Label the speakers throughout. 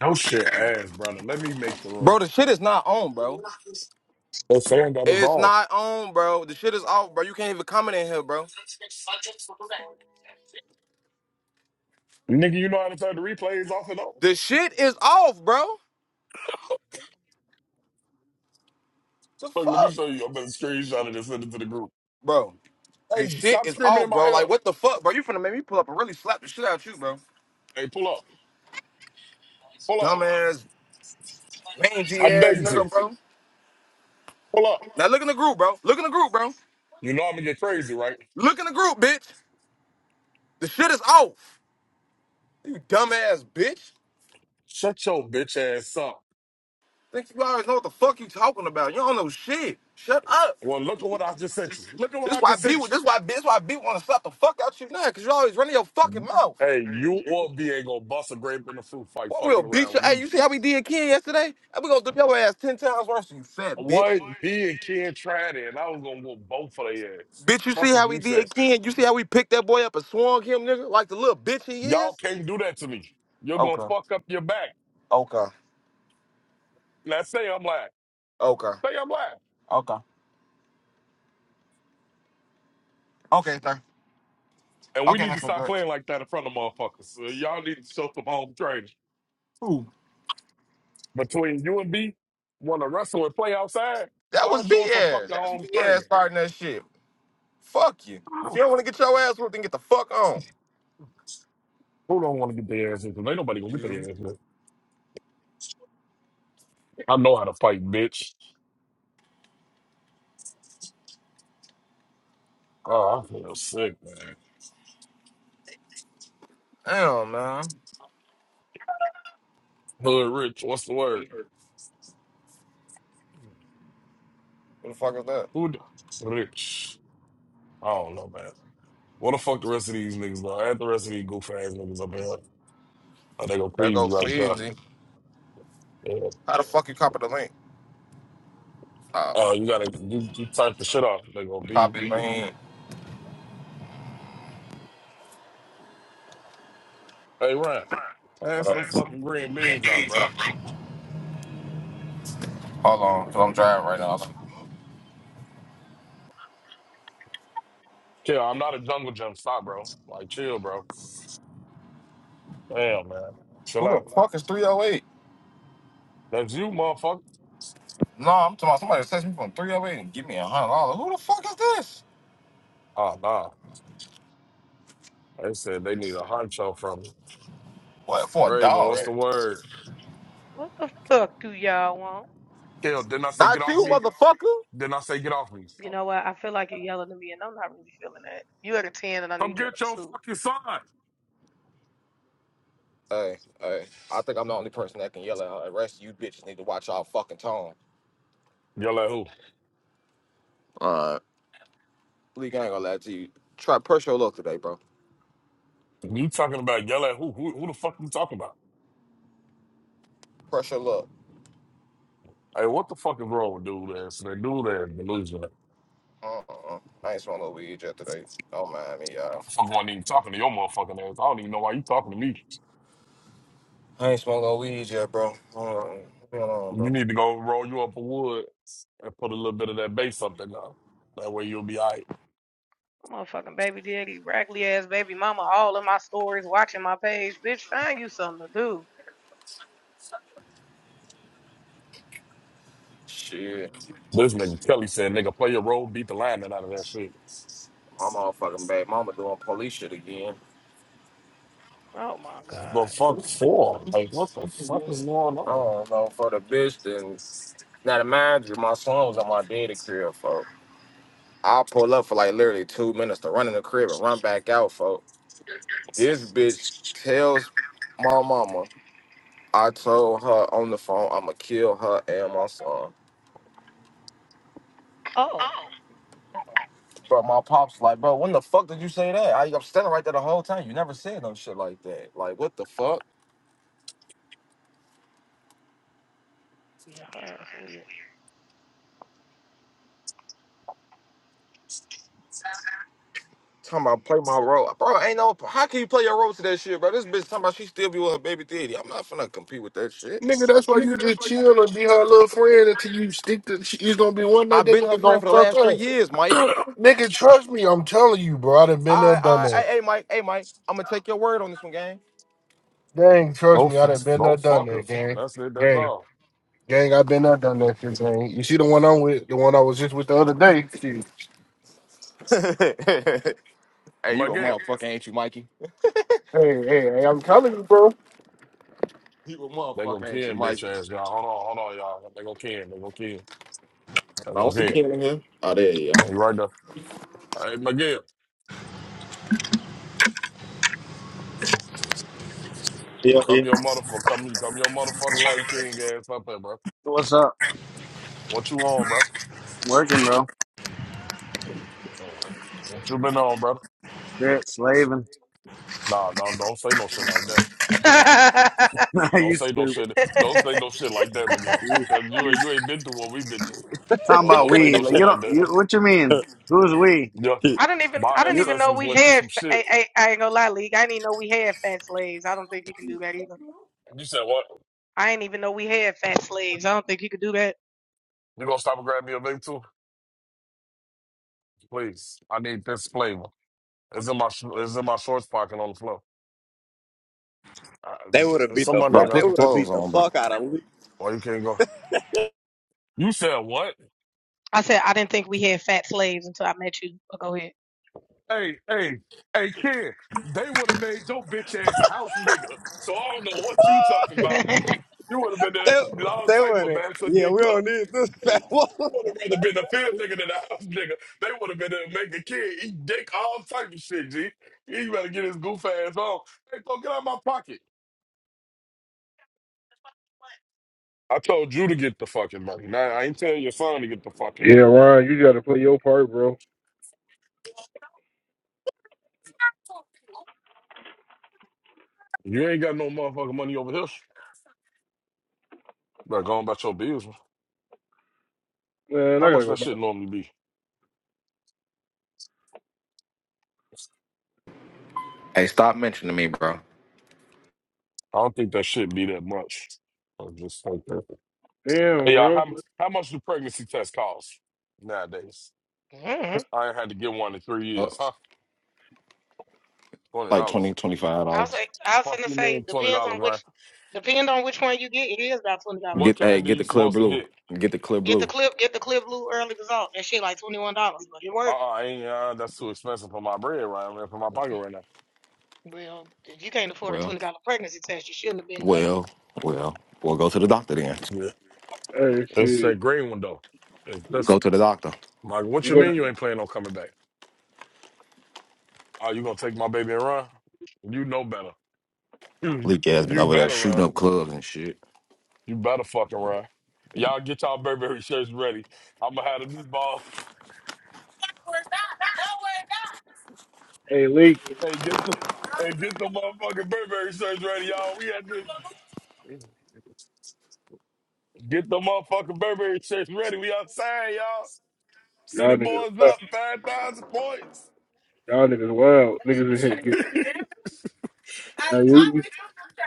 Speaker 1: No shit ass, brother. Let me make the room.
Speaker 2: Bro, the shit is not on, bro.
Speaker 1: They're saying that it's
Speaker 2: It's
Speaker 1: on.
Speaker 2: not on, bro. The shit is off, bro. You can't even comment in here, bro.
Speaker 1: Nigga, you know how to turn the replays off and on?
Speaker 2: The shit is off, bro. The
Speaker 1: Look, let me
Speaker 2: fuck?
Speaker 1: show you. I'm gonna screenshot it and send it to the group.
Speaker 2: Bro, the
Speaker 1: Hey,
Speaker 2: shit
Speaker 1: stop
Speaker 2: is
Speaker 1: screaming in
Speaker 2: off,
Speaker 1: my
Speaker 2: bro.
Speaker 1: ear.
Speaker 2: Like, what the fuck, bro? You finna make me pull up and really slap the shit out you, bro.
Speaker 1: Hey, pull up. Pull up.
Speaker 2: Dumbass,
Speaker 1: I
Speaker 2: mangy
Speaker 1: dare
Speaker 2: ass
Speaker 1: you to.
Speaker 2: nigga, bro.
Speaker 1: Pull up.
Speaker 2: Now look in the group, bro. Look in the group, bro.
Speaker 1: You know I'm gonna get crazy, right?
Speaker 2: Look in the group, bitch. The shit is off. You dumbass bitch.
Speaker 1: Shut your bitch ass up.
Speaker 2: Think you always know what the fuck you talking about. You don't know shit. Shut up.
Speaker 1: Well, look at what I just sent you. Look at what
Speaker 2: This
Speaker 1: I
Speaker 2: why
Speaker 1: just
Speaker 2: B
Speaker 1: sent
Speaker 2: would- this why B this why B wanna suck the fuck out you now, cause you always running your fucking
Speaker 1: you.
Speaker 2: mouth.
Speaker 1: Hey, you or B ain't gonna bust a grape in the fruit fight
Speaker 2: What
Speaker 1: fucking
Speaker 2: we'll beat
Speaker 1: around
Speaker 2: you.
Speaker 1: with
Speaker 2: Hey,
Speaker 1: me.
Speaker 2: you see how we did Ken yesterday? And we gonna do your ass ten times worse than you fat bitch.
Speaker 1: One, B and Ken tried it, and I was gonna go both for their ass.
Speaker 2: Bitch, you
Speaker 1: Fuck
Speaker 2: see
Speaker 1: is
Speaker 2: how we
Speaker 1: you said.
Speaker 2: did Ken? You see how we picked that boy up and swung him, nigga, like the little bitch he
Speaker 1: Y'all
Speaker 2: is?
Speaker 1: can't do that to me. You're gonna
Speaker 2: Okay.
Speaker 1: fuck up your back.
Speaker 2: Okay.
Speaker 1: Now say I'm lying.
Speaker 2: Okay.
Speaker 1: Say I'm lying.
Speaker 2: Okay. Okay, sir.
Speaker 1: And we
Speaker 2: Okay,
Speaker 1: need to
Speaker 2: Mr.
Speaker 1: stop
Speaker 2: Dutch.
Speaker 1: playing like that in front of motherfuckers. So y'all need to show some home training.
Speaker 2: Who?
Speaker 1: Between you and B, wanna wrestle and play outside,
Speaker 2: That
Speaker 1: start
Speaker 2: was
Speaker 1: showing some
Speaker 2: BS.
Speaker 1: fucking
Speaker 2: That's
Speaker 1: home training.
Speaker 2: BS starting that shit. Fuck you. If you don't wanna get your ass whooped, then get the fuck on.
Speaker 1: Who don't wanna get their ass in? Cause ain't nobody gonna get their
Speaker 2: You.
Speaker 1: ass in. I know how to fight, bitch. Oh, I feel sick, man.
Speaker 2: Damn, man.
Speaker 1: Hood rich, what's the word?
Speaker 2: What the fuck is that?
Speaker 1: Hood rich. I don't know, man. What the fuck the rest of these niggas are? Add the rest of these goof ass niggas up here. Oh, they gonna
Speaker 2: There
Speaker 1: freeze
Speaker 2: go
Speaker 1: you right there.
Speaker 2: Fleazy.
Speaker 1: Yeah.
Speaker 2: How the fuck you copy the link? Uh,
Speaker 1: Oh, you gotta you, you type the shit off. They gonna be
Speaker 2: copy link.
Speaker 1: hey Ryan,
Speaker 2: What
Speaker 1: pass them
Speaker 2: up?
Speaker 1: fucking green beans out, brother.
Speaker 2: Hold on, cause I'm driving right now. like,
Speaker 1: Chill, I'm not a jungle gym, Stop, bro. Like chill, bro. Damn, man. Chill
Speaker 2: Who the
Speaker 1: out.
Speaker 2: fuck is 308?
Speaker 1: That's you, motherfucker.
Speaker 2: No, I'm talking about somebody that text me from 308 and give me a hundred dollars. Who the fuck is this?
Speaker 1: Oh nah. They said they need a honcho from me.
Speaker 2: What for a
Speaker 1: Raven,
Speaker 2: dog?
Speaker 1: what's
Speaker 2: Right?
Speaker 1: the word?
Speaker 3: What the fuck do y'all want?
Speaker 1: Kill, didn't I say
Speaker 2: Not
Speaker 1: get off
Speaker 2: you,
Speaker 1: me?
Speaker 2: motherfucker.
Speaker 1: Didn't I say get off me?
Speaker 3: You know what? I feel like you're yelling at me, and I'm not really feeling that. You at a 10, and I
Speaker 1: Come
Speaker 3: need you at
Speaker 1: get your
Speaker 3: a 2.
Speaker 1: fucking son.
Speaker 2: Hey, hey. I think I'm the only person that can yell at her. The rest of you bitches need to watch y'all fucking tone.
Speaker 1: Yell at who?
Speaker 2: Alright. Bleak, I ain't gonna lie to you. Try press your luck today, bro.
Speaker 1: You talking about yell at who? Who, who the fuck you talking about?
Speaker 2: Press your luck.
Speaker 1: Hey, what the fuck is wrong with dude ass? That dude ass delusional.
Speaker 2: Uh-uh. I ain't smoking no weed yet today. Don't mind me, y'all.
Speaker 1: Motherfucker wasn't even talking to your motherfucking ass. I don't even know why you talking to me.
Speaker 2: I ain't smoking no weed yet, bro. Hold on. Leave me alone,
Speaker 1: You
Speaker 2: bro.
Speaker 1: need to go roll you up a wood and put a little bit of that bass up there now. That way you'll be all right.
Speaker 3: Motherfucking baby daddy, raggedy ass baby mama, all in my stories, watching my page. Bitch, find you something to do.
Speaker 2: Shit.
Speaker 1: This nigga Kelly said, nigga, play your role, beat the lineman out of that shit.
Speaker 2: I'm all fucking bad. Mama doing police shit again.
Speaker 3: Oh my
Speaker 1: The
Speaker 3: god.
Speaker 1: fuck for? Like, what the fuck is going
Speaker 2: I
Speaker 1: on?
Speaker 2: don't know for the bitch then. Now to mind you, my son was on my daddy crib, folks. I pull up for like literally two minutes to run in the crib and run back out, folks. This bitch tells my mama I told her on the phone I'ma kill her and my son.
Speaker 3: Oh.
Speaker 2: But my pops like, bro, when the fuck did you say that? I, I'm standing right there the whole time. You never said no shit like that. Like, what the fuck?
Speaker 3: Yeah, that's weird.
Speaker 2: Talking about play my role, bro. Ain't no. How can you play your role to that shit, bro? This bitch talking about she still be with her baby daddy. I'm not finna compete with that shit.
Speaker 4: Nigga, that's why you just chill and be her little friend until you stick to. She, it's gonna be one night
Speaker 2: I've
Speaker 4: that
Speaker 2: been her
Speaker 4: nigga
Speaker 2: friend
Speaker 4: gonna
Speaker 2: for the
Speaker 4: fuck
Speaker 2: last three
Speaker 4: up.
Speaker 2: years, Mike.
Speaker 4: Nigga, trust me, I'm telling you, bro. I done been there, done
Speaker 2: I, I,
Speaker 4: that.
Speaker 2: hey, hey, Mike, hey, Mike. I'm gonna take your word on this one, gang.
Speaker 4: Gang, trust
Speaker 1: go,
Speaker 4: me,
Speaker 1: f-
Speaker 4: I done been there,
Speaker 1: go
Speaker 4: done
Speaker 1: fuck her.
Speaker 4: that, gang.
Speaker 1: That's it. That's
Speaker 4: Gang,
Speaker 1: all.
Speaker 4: gang, I been there, done that shit, gang. You see the one I'm with, the one I was just with the other day. Shit.
Speaker 2: hey, you a
Speaker 1: Miguel.
Speaker 2: motherfucker, ain't you, Mikey?
Speaker 4: Hey, hey, hey, I'm telling you, bro.
Speaker 2: You a
Speaker 1: They gonna
Speaker 2: motherfucker, ain't you,
Speaker 1: Ken, bitch
Speaker 2: Mikey?
Speaker 1: ass y'all. Hold on, hold on, y'all. They gonna Ken. They gonna Ken. They
Speaker 2: I
Speaker 1: gonna
Speaker 2: don't see
Speaker 1: Ken.
Speaker 2: Ken in here. Oh, there you go.
Speaker 1: Hey, right there. Hey, Miguel,
Speaker 5: Yeah, yeah.
Speaker 1: come your motherfucker. Come, come your motherfucking Latin King ass up there, bro.
Speaker 5: What's up?
Speaker 1: What you on, bro?
Speaker 5: Working, bro.
Speaker 1: Uh, What you been on, brother?
Speaker 5: Shit, slaving.
Speaker 1: Nah, don't don't say no shit like that. Don't
Speaker 5: you
Speaker 1: say no
Speaker 5: stupid.
Speaker 1: shit. Don't say no shit like that, Miguel.
Speaker 5: You,
Speaker 1: Cause you
Speaker 5: you
Speaker 1: ain't- you ain't been through what we've been through.
Speaker 5: talking
Speaker 1: No,
Speaker 5: about
Speaker 1: don't say
Speaker 5: we?
Speaker 1: no
Speaker 5: Like
Speaker 1: shit
Speaker 5: you
Speaker 1: like
Speaker 5: don't.
Speaker 1: that.
Speaker 5: You what you mean? Who's we?
Speaker 1: Yeah,
Speaker 6: Shit,
Speaker 3: I didn't even I
Speaker 1: my
Speaker 3: didn't
Speaker 5: You?
Speaker 3: even know
Speaker 1: ancestors
Speaker 3: we
Speaker 1: went through
Speaker 3: had
Speaker 1: some shit.
Speaker 3: I, I, I ain't gonna lie, League. I didn't even know we had fat slaves. I don't think you can do that either.
Speaker 1: You said what?
Speaker 3: I ain't even know we had fat slaves. I don't think you could do that.
Speaker 1: You gonna stop and grab me a vape too? Please, I need this flavor. It's in my sh- it's in my shorts pocket on the floor. Uh,
Speaker 6: They would have
Speaker 1: there's
Speaker 6: beat
Speaker 1: some
Speaker 6: the
Speaker 1: money
Speaker 2: Bro,
Speaker 1: in
Speaker 6: fuck. They
Speaker 2: put
Speaker 1: there.
Speaker 2: some
Speaker 6: would have
Speaker 2: clothes
Speaker 6: beat the
Speaker 2: on, bro.
Speaker 6: fuck out of Lee.
Speaker 1: Or you can't go. You said what?
Speaker 3: I said I didn't think we had fat slaves until I met you. But go ahead.
Speaker 1: Hey, hey, hey, kid. They would have made your bitch ass a house nigga. So I don't know what you talking about. You would have been
Speaker 6: They,
Speaker 1: that long
Speaker 6: they
Speaker 1: type
Speaker 6: would
Speaker 1: of
Speaker 6: have.
Speaker 1: man for
Speaker 6: Yeah,
Speaker 1: dick
Speaker 6: we don't
Speaker 1: up.
Speaker 6: need
Speaker 1: Hey,
Speaker 6: this.
Speaker 1: I would have rather been a field nigga than a house nigga. They would have been there to make a kid eat dick, all type of shit, G. He better get his goof ass on. Hey, go get out of my pocket. I told you to get the fucking money. Now I ain't telling your son to get the fucking
Speaker 4: Yeah,
Speaker 1: money.
Speaker 4: Ryan, you gotta play your part, bro.
Speaker 1: You ain't got no motherfucking money over here. Like going about your bills.
Speaker 4: Man,
Speaker 1: How
Speaker 4: I gotta
Speaker 1: much
Speaker 4: go
Speaker 1: that
Speaker 4: back.
Speaker 1: shit normally be?
Speaker 2: Hey, stop mentioning me, bro.
Speaker 1: I don't think that shit be that much. I just think that.
Speaker 4: Damn,
Speaker 1: Hey y'all,
Speaker 4: bro.
Speaker 1: how how much do pregnancy tests cost nowadays?
Speaker 3: hmm I
Speaker 1: I ain't had to get one in three years,
Speaker 2: Bucks.
Speaker 1: huh? Twenty
Speaker 2: Like
Speaker 1: dollars.
Speaker 2: twenty twenty-five
Speaker 3: was
Speaker 2: dollars
Speaker 3: like, I was
Speaker 1: Fuck
Speaker 3: gonna
Speaker 1: you
Speaker 3: say
Speaker 1: man, twenty
Speaker 3: depends on
Speaker 1: dollars, man.
Speaker 3: which depend on which one you get. It is about twenty dollars.
Speaker 1: What
Speaker 2: Get hey,
Speaker 1: candy
Speaker 2: get
Speaker 1: you
Speaker 2: the clear
Speaker 1: supposed to
Speaker 2: blue.
Speaker 1: get?
Speaker 2: Get the clear
Speaker 3: Get the
Speaker 2: blue.
Speaker 3: clip, get the clip blue early result. That shit like twenty one dollars, but it
Speaker 1: Uh uh
Speaker 3: worked.
Speaker 1: I ain't uh that's too expensive for my bread right now, for my pocket right now.
Speaker 3: Well, if you can't afford a
Speaker 2: Well.
Speaker 3: twenty dollar pregnancy test, you shouldn't have been nutty.
Speaker 2: Well, well, well, go to the doctor then.
Speaker 1: Yeah.
Speaker 4: Hey,
Speaker 1: It's
Speaker 4: shit.
Speaker 1: that green one though. That's that's-
Speaker 2: Go to the doctor.
Speaker 1: like what
Speaker 4: You
Speaker 1: you
Speaker 4: go.
Speaker 1: mean you ain't planning on coming back? Are you gonna take my baby and run? You know better. You,
Speaker 2: Leak ass been
Speaker 1: you
Speaker 2: over there
Speaker 1: better
Speaker 2: shooting
Speaker 1: run.
Speaker 2: up clubs and shit.
Speaker 1: You better fucking run. Y'all get y'all Burberry shirts ready. I'm gonna have the new ball.
Speaker 4: Hey, Leak.
Speaker 1: Hey, get the hey, get the motherfucking Burberry shirts ready, y'all. We had to get the motherfucking Burberry shirts ready. We outside, y'all. City
Speaker 4: Y'all niggas
Speaker 1: boys
Speaker 4: wild.
Speaker 1: up five thousand points.
Speaker 4: Y'all niggas wild. Niggas in here. Get, hey, you,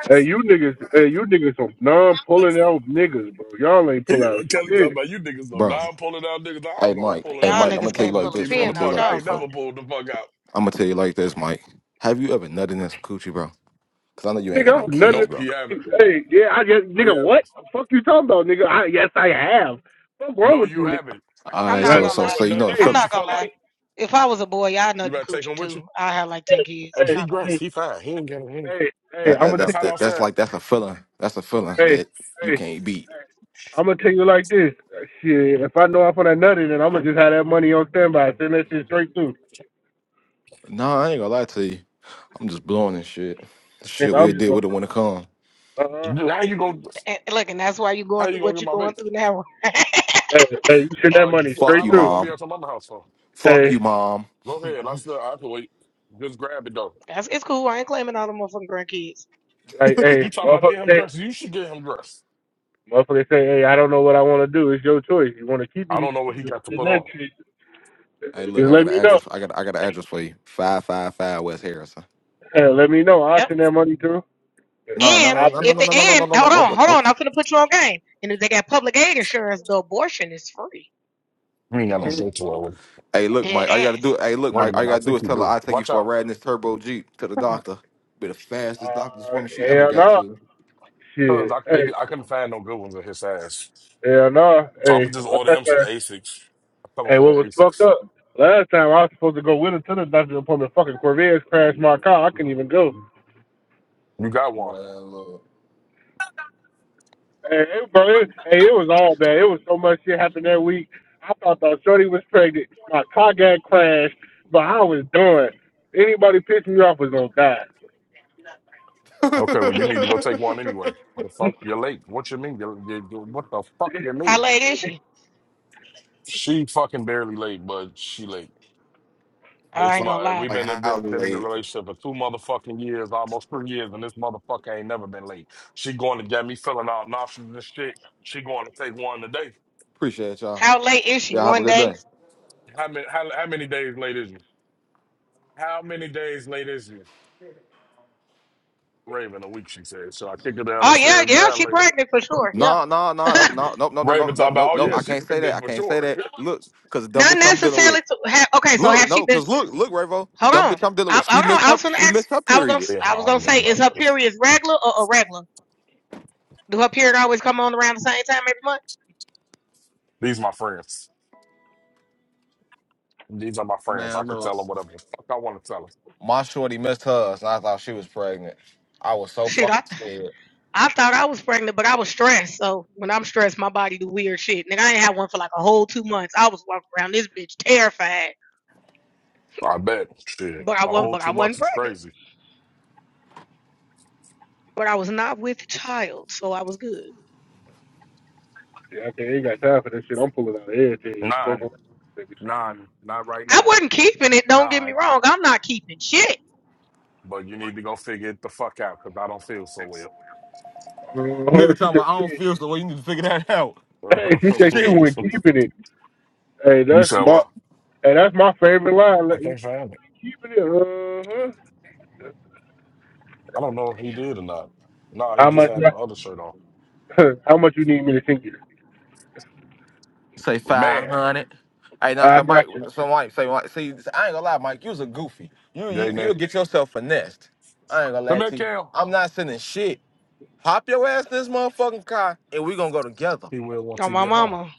Speaker 4: Hey, you niggas, hey, you niggas some non pulling out niggas, bro. Y'all ain't
Speaker 1: He-
Speaker 4: pull out
Speaker 1: Kelly
Speaker 4: shit.
Speaker 1: talking about you niggas know
Speaker 2: Bro,
Speaker 1: now I'm pulling out niggas. I don't
Speaker 2: hey,
Speaker 1: know what
Speaker 3: So
Speaker 2: Mike.
Speaker 1: pulling
Speaker 2: Hey,
Speaker 1: out
Speaker 3: y'all
Speaker 2: Mike, I'm
Speaker 1: is.
Speaker 2: going
Speaker 3: niggas
Speaker 2: to tell you
Speaker 1: I'm
Speaker 3: can't
Speaker 2: like
Speaker 1: just
Speaker 3: pull a
Speaker 2: this.
Speaker 1: keeping it
Speaker 2: I'm
Speaker 1: in the
Speaker 2: going
Speaker 3: pin
Speaker 2: to tell
Speaker 3: out
Speaker 2: you
Speaker 1: buck.
Speaker 2: like
Speaker 1: I
Speaker 3: y'all
Speaker 2: this,
Speaker 1: ain't never
Speaker 2: bro.
Speaker 3: pocket.
Speaker 1: pulled the fuck out.
Speaker 2: I'm going to tell you like this, Mike. Have you ever nutted in some coochie, bro? Because I know you ain't got
Speaker 4: Nigga,
Speaker 2: no
Speaker 4: I'm
Speaker 2: kids,
Speaker 4: nothing.
Speaker 1: Nope,
Speaker 2: bro.
Speaker 1: he haven't.
Speaker 4: Hey, yeah, I guess, nigga,
Speaker 1: You
Speaker 4: what?
Speaker 1: haven't.
Speaker 4: The fuck you talking about, nigga? I, yes, I have. What's wrong
Speaker 1: No,
Speaker 4: with you,
Speaker 1: you
Speaker 4: nigga?
Speaker 1: haven't.
Speaker 2: All
Speaker 3: I'm
Speaker 2: right,
Speaker 1: You
Speaker 3: not
Speaker 4: Like,
Speaker 2: so
Speaker 1: don't
Speaker 3: gonna
Speaker 2: so
Speaker 1: know
Speaker 3: lie.
Speaker 2: so
Speaker 1: what
Speaker 2: you
Speaker 1: nothing
Speaker 2: know
Speaker 1: the
Speaker 2: the
Speaker 4: hey,
Speaker 3: I'm
Speaker 2: feeling.
Speaker 3: not
Speaker 1: coochie
Speaker 3: gonna
Speaker 1: feel
Speaker 4: hey,
Speaker 3: lie.
Speaker 1: like.
Speaker 3: If I was a boy, y'all
Speaker 1: You
Speaker 3: nothing
Speaker 1: better take
Speaker 3: coochie
Speaker 1: him with you.
Speaker 3: too. I have like ten kids.
Speaker 1: Uh,
Speaker 4: hey,
Speaker 1: He
Speaker 3: Not gonna
Speaker 1: dressed.
Speaker 3: hold
Speaker 4: hey,
Speaker 1: He
Speaker 3: you.
Speaker 1: fine. He ain't getting him.
Speaker 4: hey, hey,
Speaker 2: That
Speaker 4: I'm
Speaker 2: that,
Speaker 4: gonna
Speaker 1: That's
Speaker 4: take
Speaker 2: that
Speaker 1: how
Speaker 4: you
Speaker 1: I
Speaker 2: that
Speaker 4: like,
Speaker 2: that's
Speaker 1: said.
Speaker 2: like that's a feeling. That's a feeling
Speaker 4: hey,
Speaker 2: that you
Speaker 4: hey,
Speaker 2: can't beat.
Speaker 4: I'm gonna take you like this. Uh, Shit, if I know I'm gonna nut it, then I'm gonna just have that money on standby. Send that shit straight through.
Speaker 2: Nah, I ain't gonna lie to you. I'm just blowing this shit.
Speaker 4: Nigga,
Speaker 2: Shit, we'll
Speaker 4: I'm just
Speaker 2: deal
Speaker 4: gonna,
Speaker 2: with it when it comes.
Speaker 4: uh huh.
Speaker 1: Dude, How you gonna
Speaker 3: And look, and that's why you
Speaker 1: how
Speaker 3: going through
Speaker 1: you gonna
Speaker 3: what
Speaker 1: get
Speaker 3: you're
Speaker 1: my
Speaker 3: going
Speaker 1: vape?
Speaker 3: through now.
Speaker 4: Hey, hey, you send that
Speaker 1: Uh
Speaker 4: money
Speaker 1: yo,
Speaker 2: Fuck
Speaker 4: straight
Speaker 1: how
Speaker 2: you,
Speaker 1: long you
Speaker 4: through.
Speaker 1: gonna be
Speaker 2: mom.
Speaker 1: at your mama house for?
Speaker 2: Fuck
Speaker 4: Hey,
Speaker 2: you, mom.
Speaker 1: Go ahead. I still I can wait. Just grab it though.
Speaker 3: That's it's cool. I ain't claiming all the motherfucking grandkids.
Speaker 4: like,
Speaker 1: You
Speaker 4: hey,
Speaker 1: talking about get
Speaker 4: motherfucker,
Speaker 1: him
Speaker 4: hey,
Speaker 1: dressed. You should get him dressed.
Speaker 4: Motherfucker say, hey, I don't know what I want to do. It's your choice. You want to keep it,
Speaker 1: I
Speaker 4: you
Speaker 1: don't
Speaker 4: can
Speaker 1: know what he
Speaker 4: keep it.
Speaker 1: got to
Speaker 4: The
Speaker 1: put on.
Speaker 4: next shit.
Speaker 2: Hey, look,
Speaker 4: Just
Speaker 2: I
Speaker 4: let
Speaker 2: got an
Speaker 4: me know.
Speaker 2: address. I got I got an address for you. Five five five West Harrison.
Speaker 4: Hell, let me know. I'll
Speaker 3: Yep.
Speaker 4: send that money through.
Speaker 2: No, no,
Speaker 3: And
Speaker 4: I'll
Speaker 2: no, no,
Speaker 4: just,
Speaker 3: if
Speaker 2: no, no,
Speaker 3: they
Speaker 2: no, no, no, no,
Speaker 3: and
Speaker 2: no,
Speaker 3: hold
Speaker 2: nope,
Speaker 3: on,
Speaker 2: nope.
Speaker 3: hold on,
Speaker 2: nope.
Speaker 3: I'm finna put you on game. And if they got public aid insurance, the abortion is free.
Speaker 1: You ain't got no
Speaker 4: uh,
Speaker 2: Hmm.
Speaker 1: shirt to wear. with him.
Speaker 2: Hey, look,
Speaker 3: Dead
Speaker 2: Mike. All you gotta
Speaker 3: ass.
Speaker 2: do. Hey, look,
Speaker 1: Wait a
Speaker 2: Mike. All you
Speaker 1: minute, I
Speaker 2: gotta do
Speaker 1: think
Speaker 2: is
Speaker 1: you
Speaker 2: tell her
Speaker 1: do.
Speaker 2: I take you
Speaker 1: Watch
Speaker 2: for a
Speaker 1: out.
Speaker 2: ride in this turbo jeep to the doctor. Be the fastest doctor's woman she ever
Speaker 4: hell
Speaker 2: got
Speaker 4: no.
Speaker 2: to.
Speaker 1: Cause
Speaker 4: Shit.
Speaker 1: I
Speaker 4: Hey,
Speaker 1: they did, I couldn't find no good ones of his size.
Speaker 4: hell no.
Speaker 1: So I'm
Speaker 4: Hey,
Speaker 1: gonna just order
Speaker 4: last
Speaker 1: him some
Speaker 4: time,
Speaker 1: Asics. A couple
Speaker 4: hey,
Speaker 1: pair
Speaker 4: what
Speaker 1: of
Speaker 4: was fucked
Speaker 1: Asics.
Speaker 4: up? Last time I was supposed to go with her to the doctor's appointment. Fucking Corvette crashed my car. I couldn't even go.
Speaker 1: You got
Speaker 2: Man,
Speaker 1: one.
Speaker 2: look.
Speaker 4: Hey, it, bro, it, hey, it was all bad. It was so much shit happened that week. I thought the shorty was pregnant. My car got crashed, but I was done. Anybody pissing me off was gonna die.
Speaker 1: Okay, well, you need to go take one anyway. The fuck? You're late. What you mean? You're, you you- what the fuck you
Speaker 3: How
Speaker 1: mean?
Speaker 3: late is she?
Speaker 1: She fucking barely late, but she late.
Speaker 3: I
Speaker 1: This
Speaker 3: ain't
Speaker 2: like,
Speaker 3: gonna
Speaker 1: my
Speaker 3: lie.
Speaker 1: we've
Speaker 2: like
Speaker 1: been in,
Speaker 2: how
Speaker 1: been been in a
Speaker 2: late?
Speaker 1: relationship for two motherfucking years, almost three years, and this motherfucker ain't never been late. She going to get me filling out nostrils and shit. She going to take one today.
Speaker 2: Appreciate y'all.
Speaker 3: How late is she?
Speaker 2: Y'all have a
Speaker 3: One
Speaker 2: good day.
Speaker 3: day?
Speaker 1: How many how, how many days late is you? How many days late is you? Raven, a week she said. So I kick her down the
Speaker 3: Oh yeah,
Speaker 1: stairs
Speaker 3: yeah,
Speaker 1: down
Speaker 3: she
Speaker 1: later.
Speaker 3: pregnant for sure. Yeah.
Speaker 2: No, no, no, no, no, no, no, no, no,
Speaker 1: Raven
Speaker 2: no,
Speaker 1: talking about,
Speaker 2: no,
Speaker 1: oh
Speaker 2: no.
Speaker 1: yeah,
Speaker 2: I
Speaker 1: she
Speaker 2: can't say that.
Speaker 1: pregnant
Speaker 2: I
Speaker 1: for
Speaker 2: can't say
Speaker 1: sure.
Speaker 2: that. Look, cause the dumb
Speaker 3: Not
Speaker 2: bitch I'm dealing with.
Speaker 3: necessarily to have. Okay, so
Speaker 2: Look,
Speaker 3: have she
Speaker 2: no,
Speaker 3: been?
Speaker 2: cause look, look, Ravo, the
Speaker 3: Hold
Speaker 2: dumb
Speaker 3: on.
Speaker 2: bitch I'm dealing
Speaker 3: I,
Speaker 2: with, she
Speaker 3: hold on.
Speaker 2: missed
Speaker 3: I
Speaker 2: her,
Speaker 3: was gonna
Speaker 2: she missed
Speaker 3: ask.
Speaker 2: her
Speaker 3: I was gonna.
Speaker 2: period.
Speaker 1: they are
Speaker 3: I was gonna
Speaker 1: arguing
Speaker 3: say, is
Speaker 1: about
Speaker 3: her
Speaker 1: this.
Speaker 3: period regular or irregular? Do her period always come on around the same time every month?
Speaker 1: These my friends. These are my friends.
Speaker 2: Man,
Speaker 1: I could
Speaker 2: look.
Speaker 1: tell them whatever the fuck I want to tell them.
Speaker 2: My shorty missed hers, and I thought she was pregnant. I was so
Speaker 3: Shit, I
Speaker 2: fucking scared.
Speaker 3: I thought I was pregnant, but I was stressed. So when I'm stressed, my body do weird shit. Nigga, I ain't had one for like a whole two months. I was walking around this bitch terrified,
Speaker 1: I bet. Shit.
Speaker 3: but I
Speaker 1: The
Speaker 3: wasn't.
Speaker 1: whole
Speaker 3: But I
Speaker 1: two months
Speaker 3: wasn't
Speaker 1: is
Speaker 3: pregnant.
Speaker 1: crazy.
Speaker 3: But I was not with child, so I was good.
Speaker 4: Shit, okay, ain't got time for that shit. I'm pulling out of everything. Fuck
Speaker 1: Nine.
Speaker 4: with niggas.
Speaker 1: Nine. Not right
Speaker 3: I
Speaker 1: now.
Speaker 3: wasn't keeping it. Don't get me
Speaker 1: Nine.
Speaker 3: wrong. I'm not keeping shit
Speaker 1: But you need to go figure it the fuck out because I don't feel so well.
Speaker 4: Uh,
Speaker 2: Nigga
Speaker 4: she
Speaker 2: talking
Speaker 4: said,
Speaker 2: about, I
Speaker 4: she,
Speaker 2: don't feel so well. You need to figure that out.
Speaker 4: hey, she said she
Speaker 2: Shit.
Speaker 4: went keeping it. Hey,
Speaker 1: you
Speaker 4: that's
Speaker 1: said
Speaker 4: my,
Speaker 1: what?
Speaker 4: hey, that's my favorite line.
Speaker 1: I
Speaker 4: Let you
Speaker 1: can't find it.
Speaker 4: keeping it. Uh huh.
Speaker 1: I don't know if he did or not. No, he
Speaker 4: How
Speaker 1: just
Speaker 4: much?
Speaker 1: had the other shirt on.
Speaker 4: How much you need me to think? it?
Speaker 2: Say
Speaker 1: Man.
Speaker 2: 500. Hey, now,
Speaker 4: I
Speaker 2: some Mike,
Speaker 4: got you.
Speaker 2: some Mike, say, Mike, see, I ain't gonna lie, Mike, you was a goofy. You,
Speaker 1: Yay,
Speaker 2: you, you'll
Speaker 1: Nick.
Speaker 2: get yourself finessed. I ain't gonna
Speaker 1: Come
Speaker 2: lie
Speaker 1: here,
Speaker 2: to you.
Speaker 1: Kale.
Speaker 2: I'm not sending shit. Hop your ass in this motherfucking car, and we gonna go together.
Speaker 1: He will once
Speaker 3: on
Speaker 1: he
Speaker 3: my
Speaker 1: get home.
Speaker 3: mama.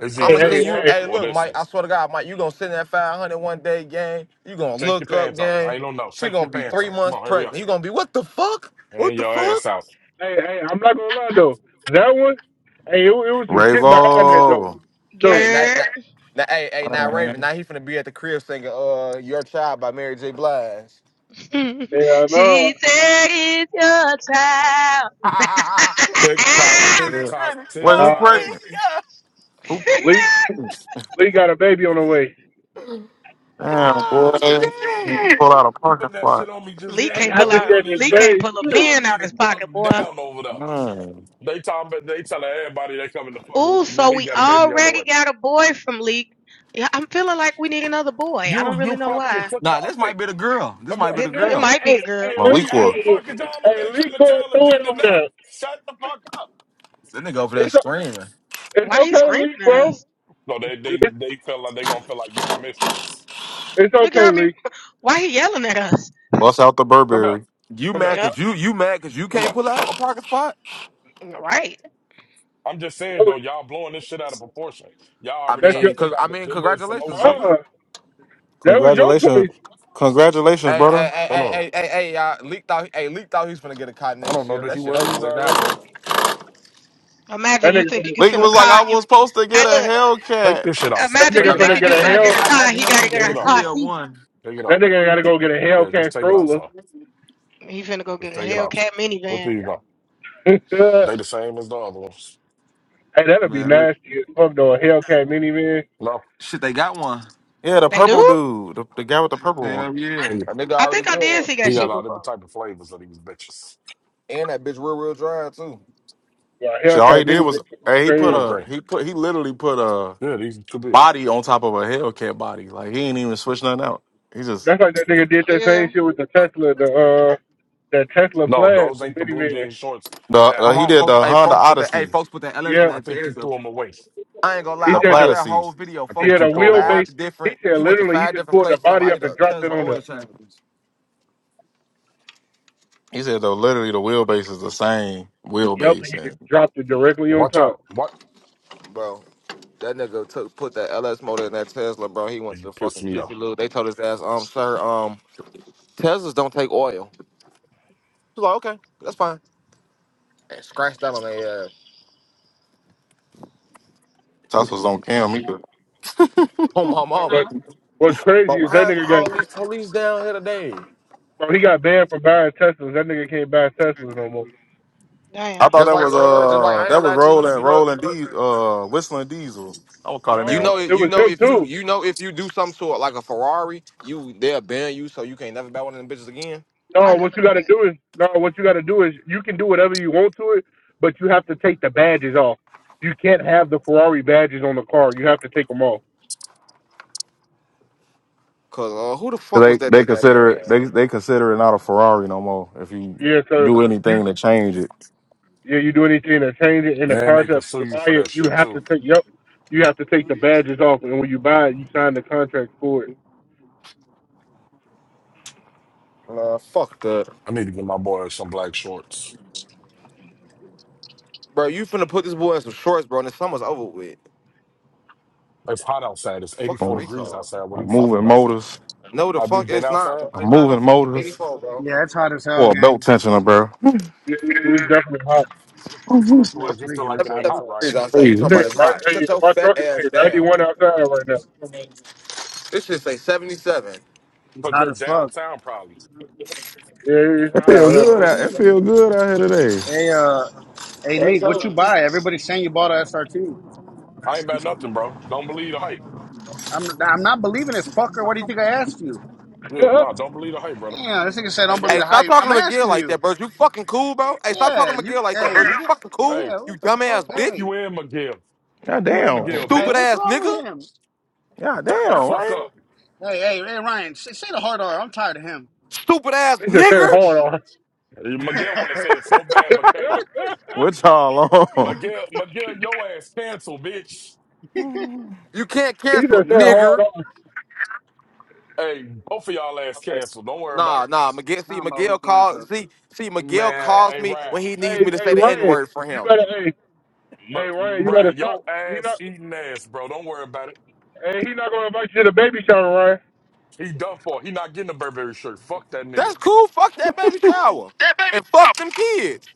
Speaker 1: It's
Speaker 4: Hey,
Speaker 1: either
Speaker 2: I'ma
Speaker 1: this
Speaker 2: send
Speaker 4: hey,
Speaker 2: you.
Speaker 4: hey.
Speaker 1: one
Speaker 2: Hey,
Speaker 1: or
Speaker 2: look,
Speaker 1: this one.
Speaker 2: Mike. I swear to God, Mike, you gonna send that 500 one day, gang. You gonna
Speaker 1: Take your
Speaker 2: look up,
Speaker 1: pants off.
Speaker 2: gang.
Speaker 1: I don't know.
Speaker 2: She
Speaker 1: Take your
Speaker 2: gonna be
Speaker 1: pants
Speaker 2: three
Speaker 1: off. Come
Speaker 2: months
Speaker 1: on, hurry up.
Speaker 2: pregnant. You gonna be what the fuck?
Speaker 1: And
Speaker 2: What the
Speaker 1: your
Speaker 2: fuck?
Speaker 1: ass out.
Speaker 4: Hey, hey, I'm not gonna lie though. That one, hey, it, wa- it was some shit behind that though.
Speaker 7: Ravo.
Speaker 2: Hey,
Speaker 4: So,
Speaker 2: now,
Speaker 3: Girl,
Speaker 2: now, now hey, hey, now
Speaker 7: Oh,
Speaker 2: Raven. Now he finna be at the crib singing uh "Your Child" by Mary J. Blige.
Speaker 4: yeah,
Speaker 3: she
Speaker 4: no,
Speaker 3: said it's your child.
Speaker 1: Tick tock, tick
Speaker 7: shit.
Speaker 1: tock,
Speaker 2: Itty-gritty,
Speaker 1: tick
Speaker 7: Wait, who
Speaker 4: nah,
Speaker 2: fuck
Speaker 1: tock.
Speaker 4: hey,
Speaker 2: this,
Speaker 7: pregnant?
Speaker 2: yeah.
Speaker 7: Who
Speaker 4: Lee,
Speaker 7: pregnant?
Speaker 4: Lee got a baby on the way.
Speaker 7: Damn,
Speaker 2: Oh
Speaker 7: boy.
Speaker 2: shit.
Speaker 7: You Pull out a
Speaker 1: You
Speaker 7: parking
Speaker 1: putting that shit
Speaker 7: spot.
Speaker 1: on me just
Speaker 3: Lee
Speaker 1: yet,
Speaker 4: Hey,
Speaker 3: can't
Speaker 4: I
Speaker 3: pull
Speaker 1: and
Speaker 4: just
Speaker 1: we
Speaker 3: out.
Speaker 4: said
Speaker 1: don't
Speaker 4: the
Speaker 1: even
Speaker 3: Lee
Speaker 1: know.
Speaker 3: can't pull
Speaker 4: same
Speaker 3: a
Speaker 4: shit.
Speaker 1: Y'all
Speaker 3: pen
Speaker 1: need
Speaker 3: out
Speaker 1: to
Speaker 3: his
Speaker 1: fuck
Speaker 3: pocket, boy.
Speaker 1: down over there.
Speaker 7: Man.
Speaker 1: They talking, about they telling everybody they coming to fuck.
Speaker 3: Oh, so
Speaker 1: We
Speaker 3: we
Speaker 1: got a baby on the way.
Speaker 3: already got a boy from Leak. Yeah, I'm feeling like we need another boy. I
Speaker 1: You,
Speaker 3: don't really
Speaker 1: you
Speaker 3: know
Speaker 1: fucking
Speaker 3: why.
Speaker 1: took
Speaker 2: Nah,
Speaker 1: off
Speaker 2: this
Speaker 1: thing.
Speaker 2: might be the girl. This
Speaker 1: Come here.
Speaker 2: might be the
Speaker 3: Then it
Speaker 2: girl.
Speaker 3: might be the
Speaker 4: Hey,
Speaker 3: girl.
Speaker 4: hey,
Speaker 1: Hey, hey,
Speaker 4: Lee,
Speaker 1: how
Speaker 7: Maliqua,
Speaker 1: the
Speaker 4: hey,
Speaker 1: fuck is y'all over
Speaker 4: hey,
Speaker 1: there
Speaker 4: Lee
Speaker 1: trying to
Speaker 4: going
Speaker 1: tell the
Speaker 4: through it
Speaker 1: gender
Speaker 4: over
Speaker 1: now?
Speaker 4: there.
Speaker 1: Shut the fuck up.
Speaker 2: That nigga over there
Speaker 4: It's o-
Speaker 2: screaming.
Speaker 4: it's
Speaker 3: Why he
Speaker 4: okay,
Speaker 3: screaming
Speaker 4: Lee,
Speaker 3: at
Speaker 4: bro.
Speaker 3: us?
Speaker 1: No, they, they, they feel like they gonna feel like you my mistress.
Speaker 4: It's
Speaker 3: Look
Speaker 4: okay,
Speaker 3: at me.
Speaker 4: Lee.
Speaker 3: Why he yelling at us?
Speaker 7: bust out the
Speaker 1: Come here,
Speaker 7: Burberry.
Speaker 2: You
Speaker 1: come here,
Speaker 2: mad
Speaker 3: Yep.
Speaker 2: cause you you mad cause you
Speaker 1: come
Speaker 2: can't
Speaker 1: here.
Speaker 2: pull out a parking spot?
Speaker 3: Right.
Speaker 1: I'm just saying
Speaker 4: That
Speaker 1: though,
Speaker 4: was-
Speaker 1: y'all blowing this shit out of proportion. Y'all
Speaker 2: I
Speaker 1: already
Speaker 4: That's
Speaker 1: trying
Speaker 4: your,
Speaker 1: to
Speaker 2: mean, cause
Speaker 1: figure
Speaker 2: I
Speaker 1: out the
Speaker 2: mean,
Speaker 1: gender and some more
Speaker 2: congratulations,
Speaker 1: shit.
Speaker 2: brother.
Speaker 4: uh, that was your
Speaker 7: Congratulations.
Speaker 4: choice.
Speaker 7: Congratulations,
Speaker 2: Hey, hey,
Speaker 7: brother.
Speaker 2: hey,
Speaker 1: Come
Speaker 2: hey,
Speaker 1: on.
Speaker 2: hey, hey, hey, y'all. Leaked out, hey, leaked out. He's finna get a cot
Speaker 1: I don't
Speaker 2: next
Speaker 1: know.
Speaker 2: year.
Speaker 1: Did
Speaker 2: That
Speaker 1: he
Speaker 2: shit
Speaker 1: wear
Speaker 2: over
Speaker 1: these
Speaker 2: with now,
Speaker 1: already?
Speaker 2: boy.
Speaker 3: Imagine
Speaker 4: That
Speaker 3: you
Speaker 4: nigga,
Speaker 3: thinking
Speaker 4: finna-
Speaker 3: you
Speaker 7: Leak
Speaker 3: finna
Speaker 7: was like,
Speaker 3: car
Speaker 7: I
Speaker 3: and
Speaker 7: was
Speaker 3: you.
Speaker 7: supposed to
Speaker 3: Hey,
Speaker 7: get a
Speaker 3: look.
Speaker 1: Take
Speaker 7: Hellcat.
Speaker 1: this shit off,
Speaker 4: that
Speaker 1: son.
Speaker 3: Imagine you
Speaker 1: Take
Speaker 4: nigga
Speaker 1: it
Speaker 4: gonna
Speaker 1: off.
Speaker 3: thinking
Speaker 4: get
Speaker 3: you
Speaker 2: Imagine,
Speaker 4: a
Speaker 3: finna get
Speaker 2: imagine,
Speaker 3: a
Speaker 4: hell.
Speaker 3: car. And
Speaker 2: imagine
Speaker 3: he
Speaker 2: him
Speaker 3: gotta
Speaker 2: finna get
Speaker 3: get
Speaker 1: Take
Speaker 2: that
Speaker 1: it
Speaker 3: a
Speaker 1: off,
Speaker 3: car
Speaker 1: bro.
Speaker 2: ZL
Speaker 3: seat.
Speaker 2: one.
Speaker 1: Take it
Speaker 4: That
Speaker 1: off.
Speaker 4: nigga gotta go get a
Speaker 1: Yeah, just
Speaker 4: Hellcat
Speaker 1: take it off,
Speaker 4: stroller.
Speaker 1: son.
Speaker 3: He finna go get
Speaker 1: Just
Speaker 3: a
Speaker 1: take it off.
Speaker 3: Hellcat
Speaker 1: What do
Speaker 3: minivan.
Speaker 1: you got?
Speaker 4: hey,
Speaker 1: They the same as the other ones.
Speaker 4: that'll be
Speaker 2: Man, look,
Speaker 4: nasty as fuck though. A Hellcat minivan.
Speaker 1: No.
Speaker 2: shit, they got one.
Speaker 7: Yeah, the
Speaker 3: They
Speaker 7: purple
Speaker 3: do?
Speaker 7: dude. The, the guy with the purple one.
Speaker 2: Hell yeah,
Speaker 1: He
Speaker 2: A nigga
Speaker 3: I
Speaker 2: already
Speaker 3: think I
Speaker 2: built
Speaker 3: did
Speaker 2: one.
Speaker 3: see that
Speaker 1: he got
Speaker 3: shit
Speaker 1: all different
Speaker 3: before.
Speaker 1: type of flavors of these bitches.
Speaker 2: And that bitch real real drive too.
Speaker 4: Like
Speaker 7: Shit, all he
Speaker 4: Hellcat
Speaker 7: did
Speaker 4: Mini,
Speaker 7: was hey, he put
Speaker 4: crazy.
Speaker 1: More
Speaker 7: a
Speaker 1: green.
Speaker 7: he put he literally put a
Speaker 1: Yeah, these are too big.
Speaker 7: body on top of a Hellcat body. Like he ain't even switch nothing out. He just
Speaker 4: That's like that nigga did that
Speaker 3: Yeah.
Speaker 4: same shit with the Tesla, the uh, that Tesla
Speaker 1: No,
Speaker 4: Plaid,
Speaker 1: those
Speaker 4: the
Speaker 1: ain't the blue
Speaker 4: minivan.
Speaker 1: jean shorts
Speaker 7: The
Speaker 1: that
Speaker 2: I
Speaker 7: uh,
Speaker 1: I've
Speaker 7: he
Speaker 2: want
Speaker 1: been
Speaker 7: did
Speaker 2: folks.
Speaker 1: looking
Speaker 7: the
Speaker 2: Hey,
Speaker 1: for.
Speaker 7: Honda
Speaker 2: folks, with that. Hey,
Speaker 7: Odyssey,
Speaker 2: folks, with that LS in
Speaker 4: Yeah,
Speaker 1: I
Speaker 2: that
Speaker 1: think
Speaker 2: series.
Speaker 1: you
Speaker 2: though.
Speaker 1: threw them away.
Speaker 2: I ain't gonna lie.
Speaker 4: he
Speaker 2: I
Speaker 7: the
Speaker 4: said
Speaker 2: watched
Speaker 4: the
Speaker 2: that
Speaker 7: Platycee.
Speaker 2: whole video.
Speaker 1: I
Speaker 2: Folks
Speaker 4: yeah
Speaker 1: think
Speaker 4: the
Speaker 1: you
Speaker 2: went to
Speaker 1: threw them away.
Speaker 2: five
Speaker 4: wheelbase. He
Speaker 2: different.
Speaker 4: said
Speaker 2: He went to
Speaker 4: literally he
Speaker 2: five
Speaker 4: just
Speaker 2: different
Speaker 4: pulled the
Speaker 2: places.
Speaker 4: body
Speaker 2: Somebody, I
Speaker 4: up
Speaker 2: need
Speaker 4: and
Speaker 2: a
Speaker 4: dropped it
Speaker 2: Tesla
Speaker 4: on
Speaker 2: oil
Speaker 4: the.
Speaker 2: change.
Speaker 7: He said though literally the wheelbase is the same
Speaker 4: Yup,
Speaker 7: wheelbase,
Speaker 4: and he
Speaker 7: and
Speaker 4: just dropped it directly on
Speaker 1: Watch
Speaker 4: top.
Speaker 1: out. What?
Speaker 2: bro. That nigga took put that LS motor in that Tesla, bro. He went to
Speaker 1: You
Speaker 2: the
Speaker 1: pissed
Speaker 2: fucking
Speaker 1: me off.
Speaker 2: Jiffy Lube. They told his ass, um, sir, um, Teslas don't take oil. He's like, okay, that's fine. And scratched that on their ass.
Speaker 7: that's what's on cam. He could-
Speaker 2: Oh my mama.
Speaker 4: What what's crazy
Speaker 2: But
Speaker 4: is that
Speaker 2: why is
Speaker 4: nigga
Speaker 2: all
Speaker 4: got
Speaker 2: these police down here today?
Speaker 4: bro, he got banned from buying Teslas. That nigga can't buy Teslas no more.
Speaker 7: I
Speaker 3: Damn.
Speaker 7: thought
Speaker 2: Just
Speaker 7: that
Speaker 2: like
Speaker 7: was
Speaker 2: uh, just like
Speaker 7: uh
Speaker 2: I ain't
Speaker 7: that
Speaker 2: gonna
Speaker 7: was
Speaker 2: lie to you.
Speaker 7: rolling
Speaker 2: You know,
Speaker 7: rolling D uh whistling diesel. I would call that
Speaker 2: you
Speaker 7: nigga.
Speaker 4: No,
Speaker 2: know,
Speaker 7: 'Cause
Speaker 4: it
Speaker 2: you
Speaker 4: was
Speaker 2: know
Speaker 4: him
Speaker 2: if you
Speaker 4: too.
Speaker 2: you know if you do something to it like a Ferrari, you they'll ban you, so you can't never buy one of them bitches again.
Speaker 3: I
Speaker 4: No,
Speaker 3: never
Speaker 4: what you
Speaker 3: knew
Speaker 4: got
Speaker 3: that.
Speaker 4: to do is no. What you got to do is you can do whatever you want to it, but you have to take the badges off. You can't have the Ferrari badges on the car. You have to take them off.
Speaker 2: Cause uh, who the fuck
Speaker 7: They
Speaker 2: was that
Speaker 7: they
Speaker 2: that got
Speaker 7: consider it
Speaker 2: banned?
Speaker 7: they they consider it not a Ferrari no more. If you
Speaker 4: Yeah, so
Speaker 7: do
Speaker 4: you
Speaker 7: anything to change it,
Speaker 4: yeah you do anything to change it in the
Speaker 1: And they could
Speaker 4: concept
Speaker 1: sue
Speaker 4: to
Speaker 1: you
Speaker 4: buy
Speaker 1: for
Speaker 4: it,
Speaker 1: that
Speaker 4: you
Speaker 1: shit,
Speaker 4: have
Speaker 1: too.
Speaker 4: to take yep, you have to take the badges off, and when you buy it, you sign the contract for it.
Speaker 2: Uh, fuck that,
Speaker 1: I need to get my boy some black shorts.
Speaker 2: bro. You finna put this boy in some shorts, bro, and the summer's over with.
Speaker 1: It's hot outside. It's
Speaker 2: Fucking
Speaker 1: 84
Speaker 7: oh,
Speaker 1: degrees
Speaker 2: retard.
Speaker 1: outside. What are
Speaker 7: I'm
Speaker 1: you talking
Speaker 7: moving
Speaker 1: about?
Speaker 7: motors,
Speaker 2: No, the
Speaker 1: Have you
Speaker 2: fuck
Speaker 1: been
Speaker 2: it's not,
Speaker 1: outside?
Speaker 2: bro.
Speaker 7: I'm
Speaker 2: It's not no
Speaker 7: moving
Speaker 2: fucking
Speaker 7: motors
Speaker 2: 84, bro.
Speaker 5: Yeah, it's hot as hell,
Speaker 7: for a belt
Speaker 5: gang.
Speaker 7: tensioner, bro.
Speaker 4: It- it- it's definitely hot.
Speaker 1: What the fuck
Speaker 5: It's-
Speaker 1: you into
Speaker 5: Y'all
Speaker 1: it? You feel
Speaker 5: tweaking.
Speaker 1: like
Speaker 5: It's
Speaker 1: it ain't
Speaker 5: hot as
Speaker 2: 77
Speaker 1: hot,
Speaker 5: hell.
Speaker 1: Ryan?
Speaker 2: degrees outside. You talking
Speaker 4: This
Speaker 2: about
Speaker 4: ain't,
Speaker 2: it's hot.
Speaker 4: hey,
Speaker 2: Shut your
Speaker 4: my
Speaker 2: fat
Speaker 4: truck is
Speaker 2: ass
Speaker 4: 91
Speaker 2: down.
Speaker 4: outside right now.
Speaker 2: This shit say 77.
Speaker 5: It's
Speaker 1: Because
Speaker 5: hot
Speaker 1: you're
Speaker 5: as fuck.
Speaker 1: downtown, probably.
Speaker 4: Yeah, it's
Speaker 7: It
Speaker 4: hot
Speaker 7: feel
Speaker 4: out
Speaker 7: good. Out, it feel good out here today.
Speaker 5: Hey, uh, hey, league. What you buy? Everybody's saying you bought a SRT.
Speaker 1: I ain't about nothing, bro. Don't believe the hype.
Speaker 5: I'm, I'm not believing it, fucker. What do you think I asked you?
Speaker 1: Yeah,
Speaker 4: here.
Speaker 1: no, don't believe the hype, brother.
Speaker 5: Yeah, this nigga said
Speaker 1: I
Speaker 5: don't
Speaker 1: ain't got
Speaker 5: believe
Speaker 2: Hey,
Speaker 5: the
Speaker 1: nothing.
Speaker 2: stop
Speaker 5: hype. I'm
Speaker 2: talking to McGill
Speaker 5: asking
Speaker 2: like that,
Speaker 5: you.
Speaker 2: bro. You fucking cool, bro. Hey, stop
Speaker 5: Yeah,
Speaker 2: talking to
Speaker 5: you.
Speaker 2: McGill like that,
Speaker 5: Hey,
Speaker 2: bro.
Speaker 1: Hey,
Speaker 5: you
Speaker 2: You
Speaker 5: go.
Speaker 2: fucking cool.
Speaker 1: hey,
Speaker 5: Yeah,
Speaker 2: You
Speaker 5: what the
Speaker 2: dumb
Speaker 5: fuck?
Speaker 2: ass
Speaker 1: fuck
Speaker 2: bitch.
Speaker 5: Hey,
Speaker 1: you in, Miguel. Fuck
Speaker 7: God
Speaker 1: you in,
Speaker 7: damn.
Speaker 1: Miguel,
Speaker 5: hey,
Speaker 2: Stupid
Speaker 1: bitch.
Speaker 5: what's
Speaker 2: ass
Speaker 5: wrong
Speaker 2: nigga.
Speaker 5: with him?
Speaker 7: God
Speaker 1: Shut the fuck
Speaker 7: damn.
Speaker 1: up.
Speaker 5: Hey, hey, hey, Ryan, say, say the hard R. I'm tired of him.
Speaker 2: Stupid ass
Speaker 4: he just said
Speaker 2: nigger.
Speaker 4: it hard on.
Speaker 1: Miguel want to
Speaker 5: Talking
Speaker 1: say it so bad, but can't.
Speaker 7: What y'all on?
Speaker 1: Miguel, Miguel, your ass cancel, bitch.
Speaker 2: You can't
Speaker 4: He just
Speaker 2: cancel
Speaker 4: said
Speaker 2: him,
Speaker 4: it hard
Speaker 2: nigger.
Speaker 4: on.
Speaker 1: Hey, both of y'all ass cancel. Don't worry about it.
Speaker 2: Nah, nah. McGill, see,
Speaker 5: about we
Speaker 2: McGill
Speaker 5: cancer.
Speaker 2: calls. See, see, McGill
Speaker 1: Man,
Speaker 2: calls
Speaker 1: hey,
Speaker 2: me
Speaker 1: Ryan.
Speaker 2: when he needs
Speaker 4: Hey,
Speaker 2: me to
Speaker 4: hey,
Speaker 2: say the N
Speaker 4: Ryan,
Speaker 2: word for
Speaker 4: you
Speaker 2: him.
Speaker 4: better hey, Hey
Speaker 1: But
Speaker 4: Ryan, you better
Speaker 1: Brian,
Speaker 4: stop.
Speaker 1: your
Speaker 4: He
Speaker 1: ass
Speaker 4: not.
Speaker 1: eating ass, bro. Don't worry about it.
Speaker 4: Hey, he not gonna invite you to the baby shower, Ryan.
Speaker 1: He done for. He not getting a Burberry shirt. Fuck that nigga,
Speaker 2: That's cool. Fuck that baby shower. And fuck them kids.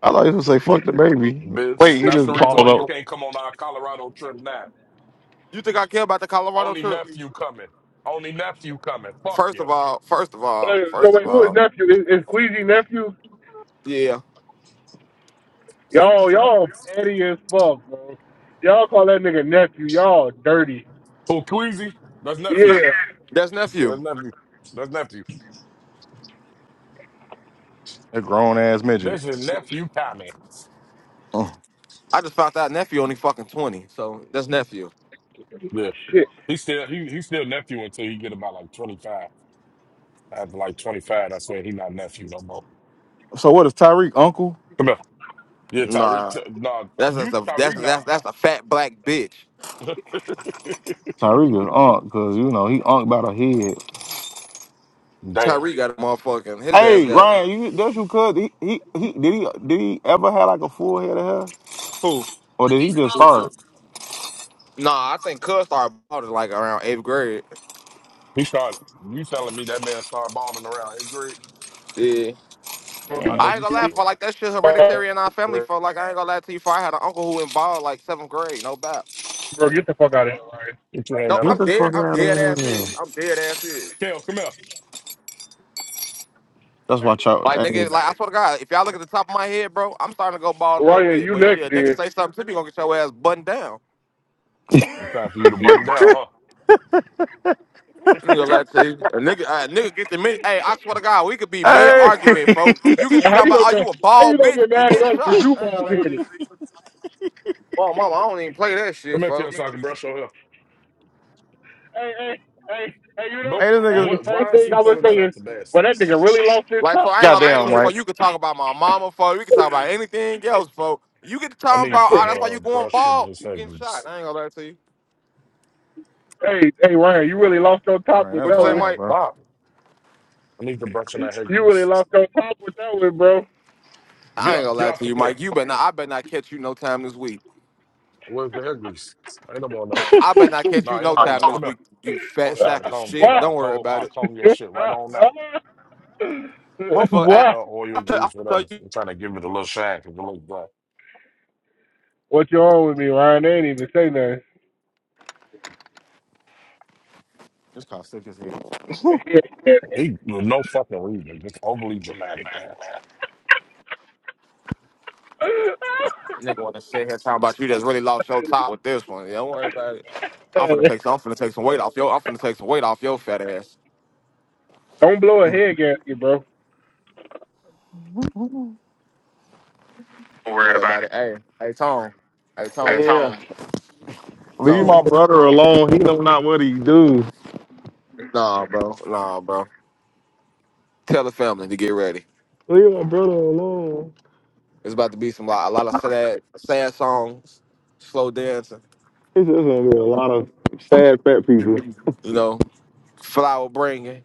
Speaker 7: I thought you was gonna say fuck the baby.
Speaker 1: bitch.
Speaker 7: Wait, he
Speaker 1: That's
Speaker 7: just
Speaker 1: the reason
Speaker 7: balled
Speaker 1: why you
Speaker 7: up.
Speaker 1: can't come on our Colorado trip now.
Speaker 2: You think I care about the Colorado
Speaker 1: Only
Speaker 2: trip?
Speaker 1: nephew coming. Only nephew coming. Fuck
Speaker 2: First
Speaker 1: you.
Speaker 2: of all, first of all,
Speaker 4: Hey, so
Speaker 2: first of
Speaker 4: wait, who is
Speaker 2: all,
Speaker 4: nephew? Is, is Queasy nephew?
Speaker 2: yeah.
Speaker 4: Y'all, y'all petty as fuck, bro. Y'all call that nigga nephew. Y'all dirty.
Speaker 1: Who Queasy? That's nephew.
Speaker 4: Yeah,
Speaker 2: That's
Speaker 1: Yeah,
Speaker 2: nephew.
Speaker 1: that's nephew. That's nephew.
Speaker 7: A grown ass midget.
Speaker 1: That's your nephew coming.
Speaker 7: Uh,
Speaker 2: I just found out nephew only fucking 20. So that's nephew.
Speaker 1: Yeah.
Speaker 4: shit.
Speaker 1: He still he he still nephew until he get about like twenty five. After like twenty five, I said he not nephew no more.
Speaker 7: So what is Tyreek uncle?
Speaker 1: Come here. Yeah, Tyreek.
Speaker 2: Nah.
Speaker 1: Ty- nah,
Speaker 2: That's that's
Speaker 1: you
Speaker 2: a that's
Speaker 1: Tyreek
Speaker 2: that's
Speaker 1: not.
Speaker 2: that's a fat black bitch.
Speaker 7: Tyreek is uncle because you know he uncle about a head.
Speaker 1: Damn.
Speaker 2: Tyree got a motherfucking his ass
Speaker 7: Hey
Speaker 2: got it.
Speaker 7: Ryan, you that's you could he, he he did he did he ever have like a full head of hair
Speaker 2: who?
Speaker 7: or did he just start?
Speaker 2: Nah, I think Cuz started bought it like around eighth grade.
Speaker 1: He started. You telling me that man started balling around eighth grade?
Speaker 2: Yeah.
Speaker 4: Bro,
Speaker 1: I know
Speaker 7: Damn,
Speaker 2: I ain't
Speaker 1: you
Speaker 2: gonna lie
Speaker 1: fucking
Speaker 2: for
Speaker 1: lying.
Speaker 2: like that shit hereditary in our family for like I ain't gonna lie to you for I had an uncle who involved like seventh grade, no bad.
Speaker 4: get the fuck out of here, Ryan.
Speaker 1: Get your hand
Speaker 2: No,
Speaker 1: that
Speaker 7: get
Speaker 1: up.
Speaker 2: I'm
Speaker 7: the
Speaker 2: dead.
Speaker 7: fuck
Speaker 2: I'm
Speaker 7: out of
Speaker 2: dead
Speaker 7: here.
Speaker 2: ass serious. I'm dead ass serious.
Speaker 1: Kale, come here.
Speaker 7: That's why Chuck.
Speaker 2: Like
Speaker 7: Hey,
Speaker 2: nigga, like I swear to God, if y'all look at the top of my head, bro, I'm starting to go bald a little
Speaker 4: Ryan,
Speaker 2: bit.
Speaker 4: you
Speaker 2: But
Speaker 4: next
Speaker 2: shit, a nigga
Speaker 4: then.
Speaker 2: say something to me, gonna get your ass buttoned down.
Speaker 1: It's time for you to button down, huh?
Speaker 2: Nigga, let's see. A nigga, a nigga get the mid. Hey, I swear to God, we could be mid
Speaker 7: hey,
Speaker 2: argument, folk. You
Speaker 7: hey,
Speaker 2: get to
Speaker 4: How
Speaker 2: talking
Speaker 4: you
Speaker 2: about,
Speaker 4: gonna
Speaker 2: oh, you
Speaker 4: get?
Speaker 2: a
Speaker 4: How you
Speaker 2: bald
Speaker 4: gonna
Speaker 2: bitch?
Speaker 4: get
Speaker 2: You
Speaker 4: mad at us?
Speaker 2: getting
Speaker 4: Cause
Speaker 2: shot?
Speaker 4: you
Speaker 2: I ain't gonna
Speaker 4: bald
Speaker 2: lie to
Speaker 4: headed?
Speaker 2: you. Well, mama, I don't even play that
Speaker 1: Come
Speaker 2: shit,
Speaker 1: here, Kale,
Speaker 2: folk.
Speaker 1: so I can brush your hair.
Speaker 4: Hey, hey, hey, hey. You know.
Speaker 1: Go.
Speaker 7: this nigga.
Speaker 4: Hey,
Speaker 1: What?
Speaker 4: first
Speaker 1: Why is
Speaker 4: thing
Speaker 1: he
Speaker 4: I would
Speaker 1: pulling
Speaker 4: say
Speaker 1: that
Speaker 4: is,
Speaker 1: out the
Speaker 4: well,
Speaker 1: basket?
Speaker 4: that nigga really lost his
Speaker 2: Like, for
Speaker 4: top.
Speaker 2: I ain't gonna lie to
Speaker 7: Goddamn,
Speaker 2: you, for
Speaker 7: right?
Speaker 2: you could talk about my mama, for we could talk about anything else, folk. You get to
Speaker 1: I
Speaker 2: talking
Speaker 1: need
Speaker 2: about, oh,
Speaker 1: that
Speaker 2: that's why
Speaker 1: uh
Speaker 2: you going
Speaker 1: brush and
Speaker 2: bald.
Speaker 1: his
Speaker 2: You
Speaker 1: hair
Speaker 2: getting shot?
Speaker 1: grease.
Speaker 2: I ain't gonna lie to you.
Speaker 4: Hey, hey, Ryan, you really lost your top
Speaker 7: Right,
Speaker 4: with
Speaker 7: that's
Speaker 2: What
Speaker 4: that
Speaker 2: you say,
Speaker 4: one.
Speaker 7: wild,
Speaker 2: Mike?
Speaker 7: bro.
Speaker 1: Stop. I need the brush and that hair
Speaker 4: You really
Speaker 1: grease.
Speaker 4: lost your top with that one, bro.
Speaker 1: Get
Speaker 2: I ain't
Speaker 1: up.
Speaker 2: gonna
Speaker 1: Get
Speaker 2: lie
Speaker 1: off
Speaker 2: to
Speaker 1: the
Speaker 2: you,
Speaker 1: floor.
Speaker 2: Mike. You better not, I better not catch you no time this week.
Speaker 1: Where's the hair grease? Ain't no more enough.
Speaker 2: I better not catch you
Speaker 1: Nah, ain't no
Speaker 2: no
Speaker 1: more
Speaker 2: time
Speaker 1: enough.
Speaker 2: this
Speaker 1: Come here.
Speaker 2: week. You
Speaker 1: I
Speaker 2: fat
Speaker 1: wish I had a
Speaker 2: sack of
Speaker 1: comb because
Speaker 2: shit.
Speaker 4: Why?
Speaker 1: I'll
Speaker 2: Don't worry
Speaker 1: comb,
Speaker 2: about
Speaker 1: I'll
Speaker 2: it,
Speaker 1: comb your shit right on
Speaker 4: Huh?
Speaker 1: out.
Speaker 2: motherfucker.
Speaker 1: Or
Speaker 2: I,
Speaker 4: Why?
Speaker 1: hell, oil
Speaker 2: I tell
Speaker 1: grease,
Speaker 2: I
Speaker 1: whatever.
Speaker 2: tell you,
Speaker 1: I'm trying to give it a little shine because it looks dry.
Speaker 4: What you on with me, Ryan? They ain't even say nothing.
Speaker 7: This car sick as hell.
Speaker 1: He, no fucking reason. Just overly dramatic, man.
Speaker 2: nigga, wanna sit here talking about you that's really lost your top with this one. Yeah, Don't worry about it. I'm
Speaker 4: Hey,
Speaker 2: finna take some. I'm finna take some weight off your. I'm finna take some weight off your fat ass.
Speaker 4: don't blow a head gasket, bro.
Speaker 7: Don't
Speaker 2: Don't
Speaker 7: worry
Speaker 2: worry
Speaker 7: about
Speaker 2: about
Speaker 7: it.
Speaker 2: it. Hey, hey, Tone. Hey,
Speaker 7: That's
Speaker 2: Tone.
Speaker 7: Yeah. on Leave
Speaker 2: Tone.
Speaker 7: my brother alone. He know not what he do.
Speaker 2: Nah, bro. Nah, bro. Tell the family to get ready.
Speaker 7: Leave my brother alone.
Speaker 2: It's about to be some lot- a lot of
Speaker 7: It's
Speaker 2: sad, sad songs, slow dancing.
Speaker 7: just gonna be a lot of sad fat people.
Speaker 2: You know, flower bringing.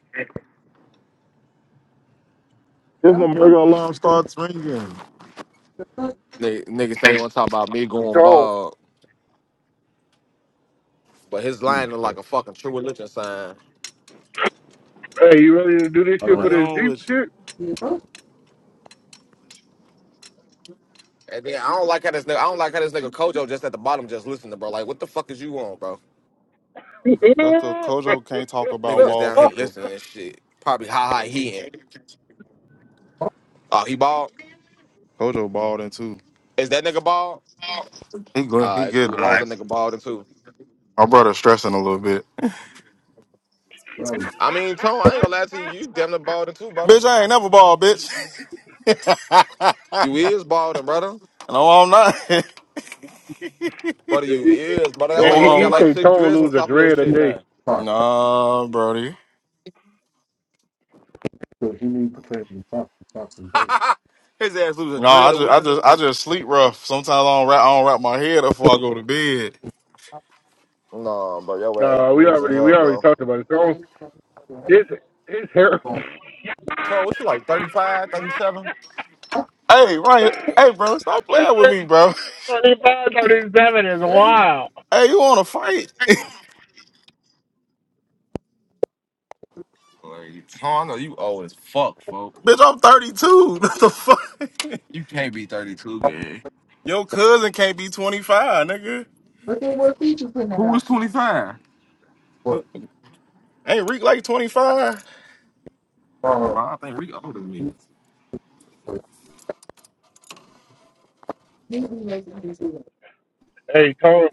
Speaker 7: If my burger alarm starts ringing,
Speaker 2: Nigga, niggas say they
Speaker 7: Niggas,
Speaker 2: want to talk about me
Speaker 4: It's
Speaker 2: going
Speaker 4: on.
Speaker 2: bald, but his line look like a fucking true religion sign.
Speaker 4: Hey, you ready to do this shit
Speaker 7: What are
Speaker 4: for
Speaker 7: you
Speaker 4: this
Speaker 7: on
Speaker 4: Jeep
Speaker 7: with you?
Speaker 4: shit?
Speaker 2: And then I don't like how this nigga. I don't like how this nigga Kojo just at the bottom just listening, bro. Like, what the fuck is you on, bro?
Speaker 7: That's cause Kojo can't talk about
Speaker 2: Nigga just
Speaker 7: bald
Speaker 2: down here
Speaker 7: people.
Speaker 2: listening and shit. Probably ha ha he in. Oh, he bald?
Speaker 7: Kojo bald in too.
Speaker 2: Is that nigga bald?
Speaker 7: He good.
Speaker 2: All
Speaker 7: He
Speaker 2: right,
Speaker 7: getting
Speaker 2: cool.
Speaker 7: uh,
Speaker 2: As
Speaker 7: there.
Speaker 2: long as that
Speaker 7: alright.
Speaker 2: nigga balding too.
Speaker 7: My brother stressing a little bit.
Speaker 2: I mean, Tone, I ain't gonna lie to you. You damn near balding too, brother.
Speaker 7: Bitch, I ain't never bald, bitch.
Speaker 2: You is balding, brother.
Speaker 7: no, I'm not.
Speaker 2: Brother, you
Speaker 4: hey,
Speaker 2: is, brother. That's why
Speaker 7: No,
Speaker 2: you
Speaker 4: he,
Speaker 2: only
Speaker 4: he
Speaker 7: I'm
Speaker 2: got like
Speaker 7: not.
Speaker 4: said
Speaker 2: six
Speaker 4: Tone
Speaker 2: dreads on
Speaker 4: lose a
Speaker 2: top of your
Speaker 4: dread a
Speaker 2: shit
Speaker 4: day.
Speaker 2: now.
Speaker 7: Nah, Brody.
Speaker 1: Fucking thing.
Speaker 2: His ass lose a
Speaker 7: No, I
Speaker 2: dread a
Speaker 7: just I
Speaker 2: week.
Speaker 7: just I just sleep rough. Sometimes I don't wrap I don't wrap my head up before I go to bed.
Speaker 2: No, bro, your ass
Speaker 4: Nah, we
Speaker 2: losing
Speaker 4: already we
Speaker 2: hell,
Speaker 4: already
Speaker 2: bro.
Speaker 4: talked about it. Tone, his his hair.
Speaker 2: Tone, what you like, Thirty five, thirty seven.
Speaker 7: Hey Ryan, hey bro, stop playing with me, bro.
Speaker 4: Thirty five, thirty seven is wild.
Speaker 7: Hey, you want to fight,
Speaker 2: 37? Like, Tone, I know you old as fuck, folk.
Speaker 7: bitch? I'm 32. What the fuck?
Speaker 2: You can't be 32, man.
Speaker 7: Your cousin can't be 25, nigga.
Speaker 2: Who was 25?
Speaker 7: Ain't Reek like 25?
Speaker 2: Ma, I think Rick older than me.
Speaker 4: Hey, Tone,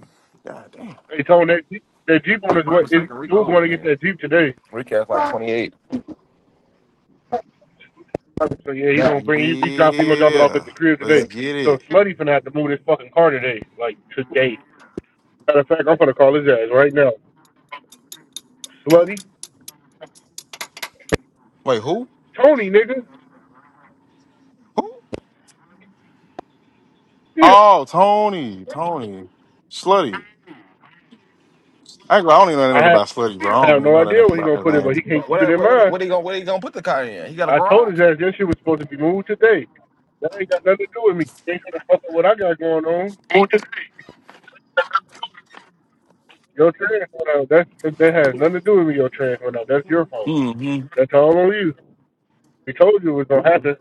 Speaker 7: God damn.
Speaker 4: hey Tone, that Jeep, that Jeep on
Speaker 2: If
Speaker 4: his
Speaker 2: I'm
Speaker 4: way. Is
Speaker 2: mistaken, Rick
Speaker 4: dude
Speaker 2: older
Speaker 4: going
Speaker 2: than
Speaker 4: to
Speaker 2: me.
Speaker 4: get that Jeep today?
Speaker 2: Rick has like 28.
Speaker 4: So yeah, he gonna bring he, he drop he gonna drop it off at
Speaker 7: Yeah,
Speaker 4: the crib
Speaker 7: let's
Speaker 4: today.
Speaker 7: get
Speaker 4: So
Speaker 7: it.
Speaker 4: Slutty finna have to move this fucking car today, like today. Matter of fact, I'm gonna call his ass right now. Slutty,
Speaker 7: Wait, who?
Speaker 4: Tony, nigga.
Speaker 7: Who?
Speaker 4: Yeah,
Speaker 7: Oh, Tony, Tony, Slutty. Actually, I don't even know that
Speaker 4: I
Speaker 7: nigga
Speaker 4: have
Speaker 7: by Slutty, bro. I
Speaker 4: I
Speaker 7: don't
Speaker 4: have
Speaker 7: even
Speaker 4: no
Speaker 7: know that
Speaker 4: idea where he gonna
Speaker 7: nigga
Speaker 4: put
Speaker 7: by
Speaker 4: it, but
Speaker 7: his
Speaker 4: he can't
Speaker 2: But
Speaker 4: keep it
Speaker 2: what,
Speaker 4: in
Speaker 2: what, what,
Speaker 4: mind.
Speaker 2: what, he gonna, what he gonna put the car in? He got a
Speaker 4: I told
Speaker 2: garage?
Speaker 4: his ass that shit was supposed to be moved today. That ain't got nothing to do with me. It Ain't gonna fuck up what I got going on.
Speaker 7: name.
Speaker 4: Your trans went out. That's that has nothing to do with me. Your trans went out. That's your fault.
Speaker 7: Mm-hmm.
Speaker 4: That's all on you. He told you it was gonna happen.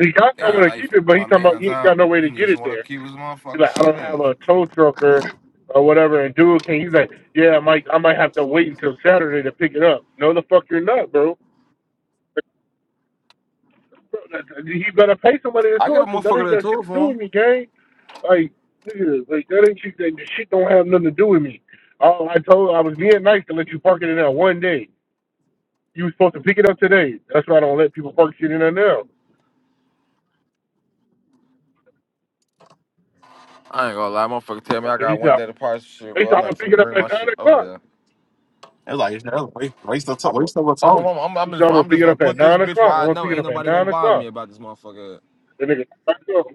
Speaker 4: He got
Speaker 7: Yeah.
Speaker 4: somewhere
Speaker 2: Damn,
Speaker 4: to
Speaker 2: now you
Speaker 4: keep
Speaker 2: fin-
Speaker 4: it, but he
Speaker 2: my
Speaker 4: talking about he
Speaker 2: man's
Speaker 4: ain't got
Speaker 2: out.
Speaker 4: no way
Speaker 2: He
Speaker 4: to get
Speaker 2: needs
Speaker 4: it
Speaker 2: someone to
Speaker 4: there.
Speaker 2: keep his
Speaker 4: He's
Speaker 2: motherfucking
Speaker 4: like, I
Speaker 2: shit
Speaker 4: don't have
Speaker 2: at.
Speaker 4: a tow trucker or whatever. And dude, can he's like, yeah, I might, I might have to wait until Saturday to pick it up. No, the fuck you're not, bro. Bro, He better pay somebody to
Speaker 2: I
Speaker 4: tow
Speaker 2: got a
Speaker 4: it because that
Speaker 2: motherfucker
Speaker 4: ain't
Speaker 2: that
Speaker 4: got shit
Speaker 2: told
Speaker 4: to do
Speaker 2: for him.
Speaker 4: with me, gang. Like, nigga, like that ain't shit. That shit don't have nothing to do with me. All I told, I was being nice to let you park it in there one day. You was supposed to pick it up today. That's why I don't let people park shit in there now.
Speaker 2: I ain't gonna lie, motherfucker. Tell me I
Speaker 4: Because
Speaker 2: got
Speaker 4: he
Speaker 2: one
Speaker 4: said,
Speaker 2: day to party shit,
Speaker 4: they
Speaker 2: but
Speaker 4: said
Speaker 2: I'm
Speaker 4: I'm
Speaker 2: not
Speaker 4: gonna
Speaker 2: even
Speaker 4: pick
Speaker 2: finna
Speaker 4: it up
Speaker 2: bring
Speaker 4: at
Speaker 2: my
Speaker 4: nine
Speaker 2: shit over
Speaker 4: o'clock.
Speaker 2: there.
Speaker 7: It's like it's another waste, waste of time.
Speaker 2: I'm,
Speaker 7: Waste of a
Speaker 2: I'm,
Speaker 7: time.
Speaker 2: I'm, I'm, I'm
Speaker 4: He said
Speaker 2: just,
Speaker 4: I'm gonna
Speaker 2: I'm
Speaker 4: pick
Speaker 2: just
Speaker 4: it
Speaker 2: gonna
Speaker 4: up at
Speaker 2: put this
Speaker 4: nine
Speaker 2: bitch
Speaker 4: o'clock.
Speaker 2: where
Speaker 4: I'm
Speaker 2: I
Speaker 4: gonna
Speaker 2: know
Speaker 4: pick it
Speaker 2: ain't
Speaker 4: up at
Speaker 2: nobody gonna
Speaker 4: nine
Speaker 2: bother
Speaker 4: o'clock.
Speaker 2: me about this motherfucker.
Speaker 4: The nigga back up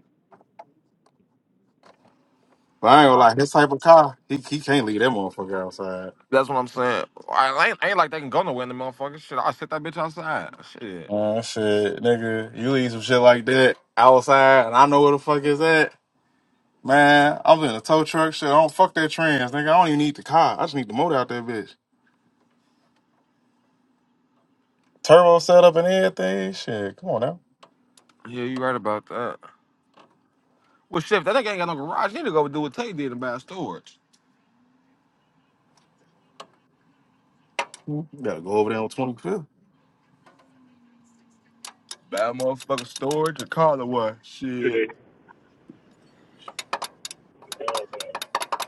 Speaker 7: But I ain't gonna
Speaker 2: All right.
Speaker 7: lie, his type of car, he, he can't leave that motherfucker outside.
Speaker 2: That's what I'm saying. I ain't, ain't like they can go nowhere in the motherfucker. Shit, I set that bitch outside. Shit.
Speaker 7: Uh, shit, nigga, you leave some shit like that outside, and I know where the fuck is at. Man, I'm in a tow truck. Shit, I don't fuck that trans, nigga. I don't even need the car. I just need the motor out that bitch. Turbo setup and everything. Shit, come on now.
Speaker 2: Yeah, you right about that. Well, shit, if that nigga ain't got no garage, he need to go do what Tay did about storage.
Speaker 7: You gotta go over there on 25th.
Speaker 2: Bad motherfucker storage or call it what?
Speaker 4: today.
Speaker 2: Shit.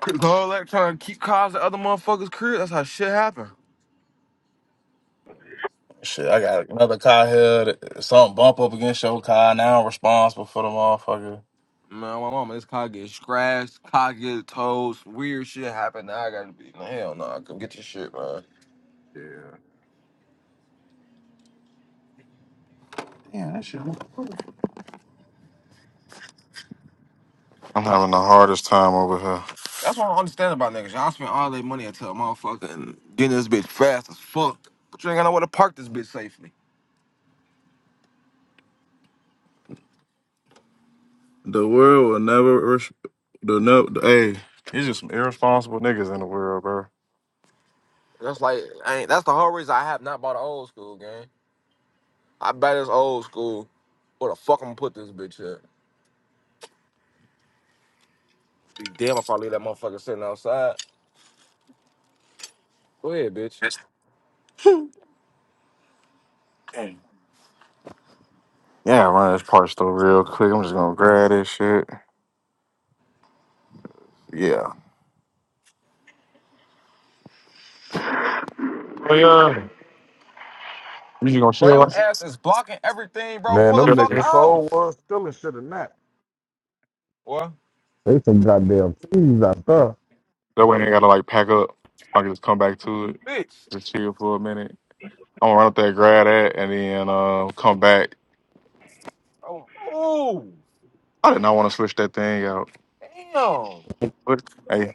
Speaker 2: Cause all that trying to keep cars at other motherfuckers' crib. That's how shit happen.
Speaker 7: Shit, I got another car here. That, something bump up against your car. Now I'm responsible for the motherfucker.
Speaker 2: Man, my mama, this car get scratched, car get toast, weird shit happen. Now I gotta be, nah, hell no, I come get your shit, man.
Speaker 7: Yeah. Damn, that shit. I'm having the hardest time over here.
Speaker 2: That's what I don't understand about niggas. Y'all spend all their money until a motherfucker and getting this bitch fast as fuck, but you ain't got nowhere to park this bitch safely.
Speaker 7: The world will never. res- The no. The, hey, it's just some irresponsible niggas in the world, bro.
Speaker 2: That's like, I ain't, that's the whole reason I have not bought an old school game. I buy this old school. Where the fuck I'm gonna put this bitch at? Be damn if I leave that motherfucker sitting outside. Go ahead, bitch.
Speaker 7: Yes. Dang. Yeah, run this part store real quick. I'm just gonna grab this shit. Yeah. Oh, yeah. You just gonna
Speaker 2: Bro,
Speaker 7: chill?
Speaker 2: your
Speaker 7: out?
Speaker 2: ass is blocking everything, bro.
Speaker 1: Man,
Speaker 2: Pull the
Speaker 1: them
Speaker 2: fuck
Speaker 1: niggas
Speaker 7: That
Speaker 1: so
Speaker 2: off.
Speaker 1: was still and shit in that.
Speaker 2: What?
Speaker 1: They some goddamn thieves out there.
Speaker 7: way they gotta like pack up. I can just come back to it.
Speaker 2: Bitch.
Speaker 7: Just chill for a minute. I'm gonna run up there, grab that, and then uh, come back.
Speaker 2: Oh, ooh.
Speaker 7: I did not want to switch that thing out.
Speaker 2: Damn.
Speaker 7: But hey.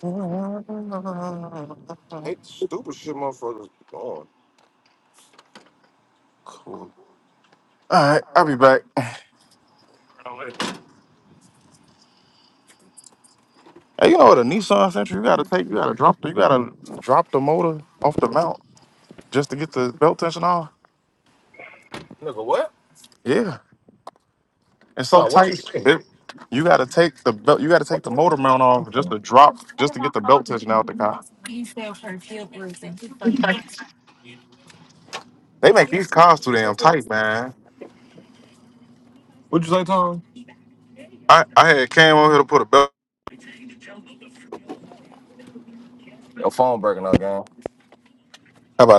Speaker 7: Cool.
Speaker 2: Hate the stupid shit motherfuckers be on.
Speaker 7: All right, I'll be back. Hey, you know what a Nissan Sentra? You gotta take, you gotta drop, the, you gotta drop the motor off the mount just to get the belt tension off.
Speaker 2: Nigga, what?
Speaker 7: Yeah, it's so
Speaker 2: No, what you
Speaker 7: tight.
Speaker 2: say?
Speaker 7: It, you gotta take the belt, you gotta take the motor mount off just to drop, just to get the belt tension out the car. They make these cars too damn tight, man.
Speaker 2: What you say, Tom?
Speaker 7: I, I had Cam on here to put a belt.
Speaker 2: Your phone breaking up, gang.
Speaker 7: How about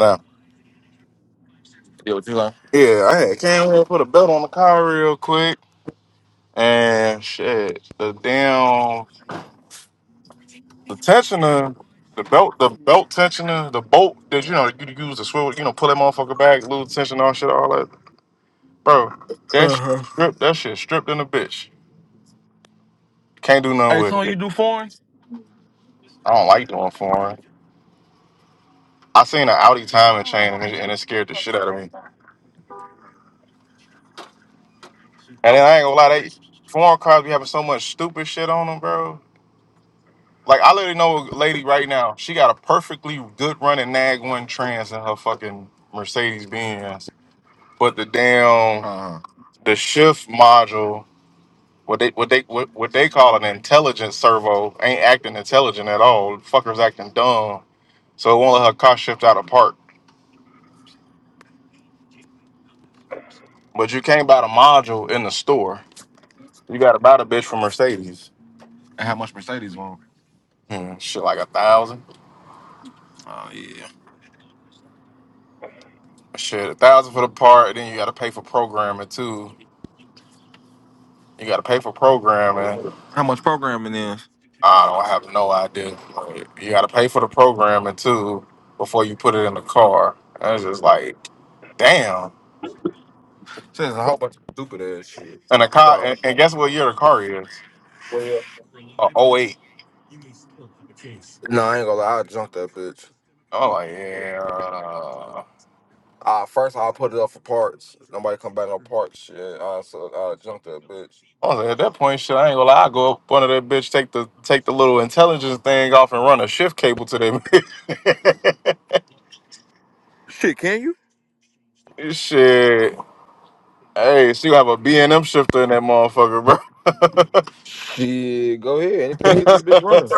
Speaker 2: Yeah, what you say?
Speaker 7: that? Yeah, I had Cam on here to put a belt on the car real quick, and shit, the damn. The tensioner, the belt, the belt tensioner, the bolt that you know you use to swivel, you know, pull that motherfucker back, lose tension, all shit, all that, bro. That shit
Speaker 2: Uh-huh.
Speaker 7: stripped, that shit stripped in a bitch. Can't do nothing
Speaker 2: Hey,
Speaker 7: with
Speaker 2: Tom, you
Speaker 7: it.
Speaker 2: do foreigns?
Speaker 7: I don't like doing foreign. I seen an Audi timing chain and it, and it scared the shit out of me. And then I ain't gonna lie, they foreign cars be having so much stupid shit on them, bro. Like I literally know a lady right now. She got a perfectly good running nag one trans in her fucking Mercedes Benz, but the damn
Speaker 2: Uh-huh.
Speaker 7: the shift module What they what they what, what they call an intelligent servo ain't acting intelligent at all. fucker's acting dumb. So it won't let her car shift out of park. But you can't buy the module in the store. You gotta buy the bitch from Mercedes.
Speaker 2: And how much Mercedes want?
Speaker 7: Hmm, shit like a thousand.
Speaker 2: Oh, yeah.
Speaker 7: Shit, a thousand for the part, and then you gotta pay for programming too. You gotta pay for programming.
Speaker 2: How much programming is?
Speaker 7: I don't have no idea. Like, you gotta pay for the programming too before you put it in the car. And it's just like, damn.
Speaker 2: Says a whole bunch of stupid ass shit.
Speaker 7: And the car
Speaker 2: So,
Speaker 7: and, and guess what year the car is?
Speaker 2: well,
Speaker 7: Oh, i
Speaker 2: no, I ain't gonna lie. I'll junk that bitch.
Speaker 7: I'm like, yeah.
Speaker 2: Uh, first, I'll put it up for parts. Nobody come back no parts shit. Uh, so I'll junk that bitch.
Speaker 7: I was like, at that point, shit, I ain't gonna lie. I go up under that bitch, take the take the little intelligence thing off, and run a shift cable to them.
Speaker 2: Shit, can you?
Speaker 7: shit. Hey, so you have a B and m shifter in that motherfucker, bro.
Speaker 2: Shit, go ahead. Anything that gets me bitch running.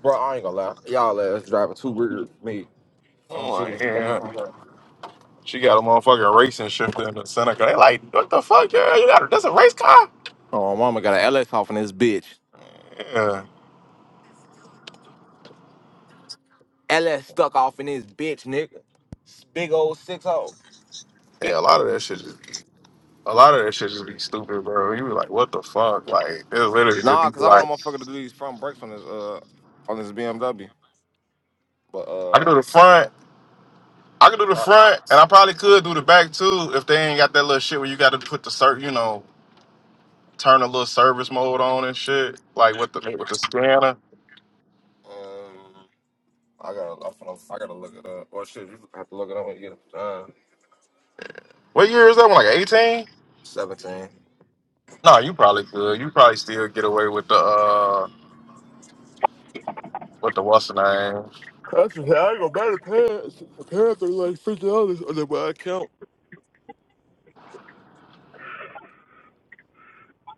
Speaker 2: Bro, I ain't gonna lie. Y'all ass driving too weird for me
Speaker 7: I'm
Speaker 2: on G. D.
Speaker 7: like,
Speaker 2: Let me
Speaker 7: yeah.
Speaker 2: do that.
Speaker 7: She got a motherfucking racing shifter in the Seneca. They like, what the fuck? Yeah, you got that's a race car.
Speaker 2: Oh, mama got an LS off in this bitch.
Speaker 7: Yeah.
Speaker 2: LS stuck off in this bitch, nigga. S- Big old six hole.
Speaker 7: Yeah, a lot of that shit just, be, a lot of that shit just be stupid, bro. You be like, what the fuck? Like, it literally just
Speaker 2: Nah,
Speaker 7: be
Speaker 2: cause I want a
Speaker 7: like.
Speaker 2: motherfucker to do these front brakes on this uh on this BMW. But
Speaker 7: I
Speaker 2: uh,
Speaker 7: can do the front. I can do the front, and I probably could do the back too if they ain't got that little shit where you got to put the cert, you know, turn a little service mode on and shit, like with the with the scanner.
Speaker 2: um, I gotta I gotta I gotta look it up. Or shit, you have to look it up when you get it done.
Speaker 7: What year is that one? Like eighteen?
Speaker 2: Seventeen.
Speaker 7: No, you probably could. You probably still get away with the uh with the what's the name?
Speaker 2: That's just, I ain't gonna matter. Parents, The parents are like fifty dollars on the account.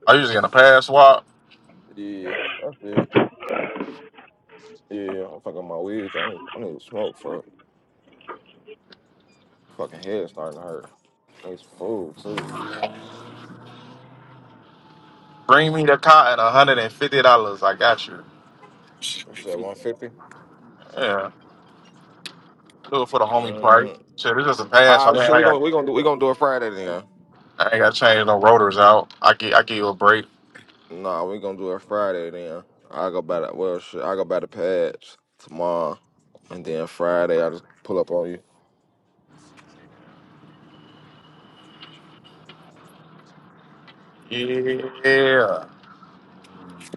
Speaker 7: I usually in a pass swap.
Speaker 2: Yeah, that's it. Yeah, I'm fucking my weed. too. I need, I need to smoke for it. fucking head starting to hurt. I need some food too.
Speaker 7: Bring me the car at hundred and fifty dollars. I got you.
Speaker 2: That shit one fifty.
Speaker 7: Yeah, do it for the homie price.
Speaker 2: Mm.
Speaker 7: Shit, it's just a pass. I
Speaker 2: Ah,
Speaker 7: mean,
Speaker 2: shit.
Speaker 7: I
Speaker 2: We
Speaker 7: got
Speaker 2: gonna we gonna do we gonna do it Friday then.
Speaker 7: I ain't got to change no rotors out. I get I give you a break.
Speaker 2: Nah, we gonna do it Friday then. I go by the well shit. I go by the pads tomorrow, and then Friday I just pull up on you.
Speaker 7: Yeah.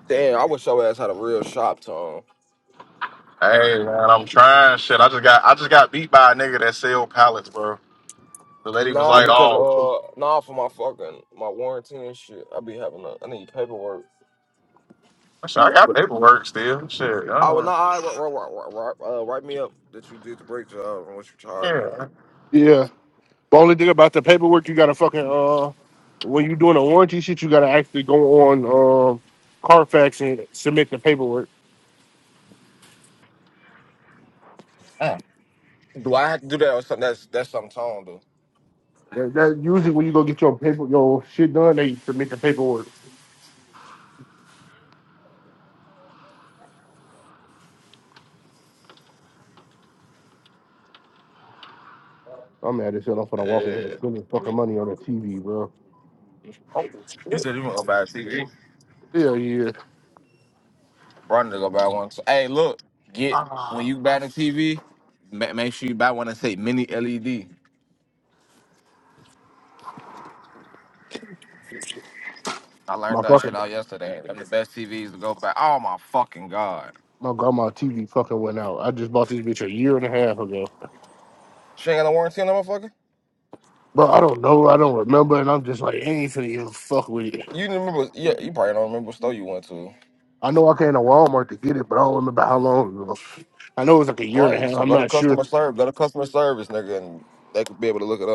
Speaker 2: Damn, I wish your ass had a real shop tone.
Speaker 7: Hey man, I'm trying shit. I just got I just got beat by a nigga that sell pallets, bro. The lady was
Speaker 2: Nah,
Speaker 7: like,
Speaker 2: because
Speaker 7: "Oh,
Speaker 2: uh, nah for my fucking my warranty and shit. I be having a, I need paperwork.
Speaker 7: shit, I got paperwork still." Shit, I
Speaker 2: I would
Speaker 7: don't,
Speaker 2: not I, uh, write me up that you did the break job and what you charged me.
Speaker 7: yeah.
Speaker 4: Yeah. The only thing about the paperwork, you gotta fucking uh, when you doing a warranty shit, you gotta actually go on um Carfax and submit the paperwork.
Speaker 7: Damn.
Speaker 2: Do I have to do that or something? That's that's something Tone do.
Speaker 4: That, that usually when you go get your paper your shit done, they submit the paperwork. I'm mad as hell. I'm finna walk in here
Speaker 2: Yeah.
Speaker 4: spending fucking money on a TV, bro.
Speaker 2: You said you want to go buy a TV.
Speaker 4: Hell yeah.
Speaker 2: Brandon go buy one. So, hey, look, get when
Speaker 7: Ah.
Speaker 2: you buy the TV, ma- make sure you buy one that say mini LED. I learned
Speaker 4: My
Speaker 2: that shit
Speaker 4: fucking
Speaker 2: out yesterday. Them the best TVs to go buy. Oh my fucking god!
Speaker 4: my grandma TV fucking went out. I just bought this bitch a year and a half ago.
Speaker 2: She ain't got no warranty on that motherfucker.
Speaker 4: Bro, I don't know. I don't remember, and I'm just like, I ain't finna even fuck with it.
Speaker 2: You didn't remember? Yeah, you probably don't remember what store you went to.
Speaker 4: I know I came to Walmart to get it, but I don't remember how long ago. I know it was like a year and a
Speaker 2: Right.
Speaker 4: half.
Speaker 2: So
Speaker 4: I'm
Speaker 2: go to
Speaker 4: not sure.
Speaker 2: customer service. Go to customer service, nigga, and they could be able to look it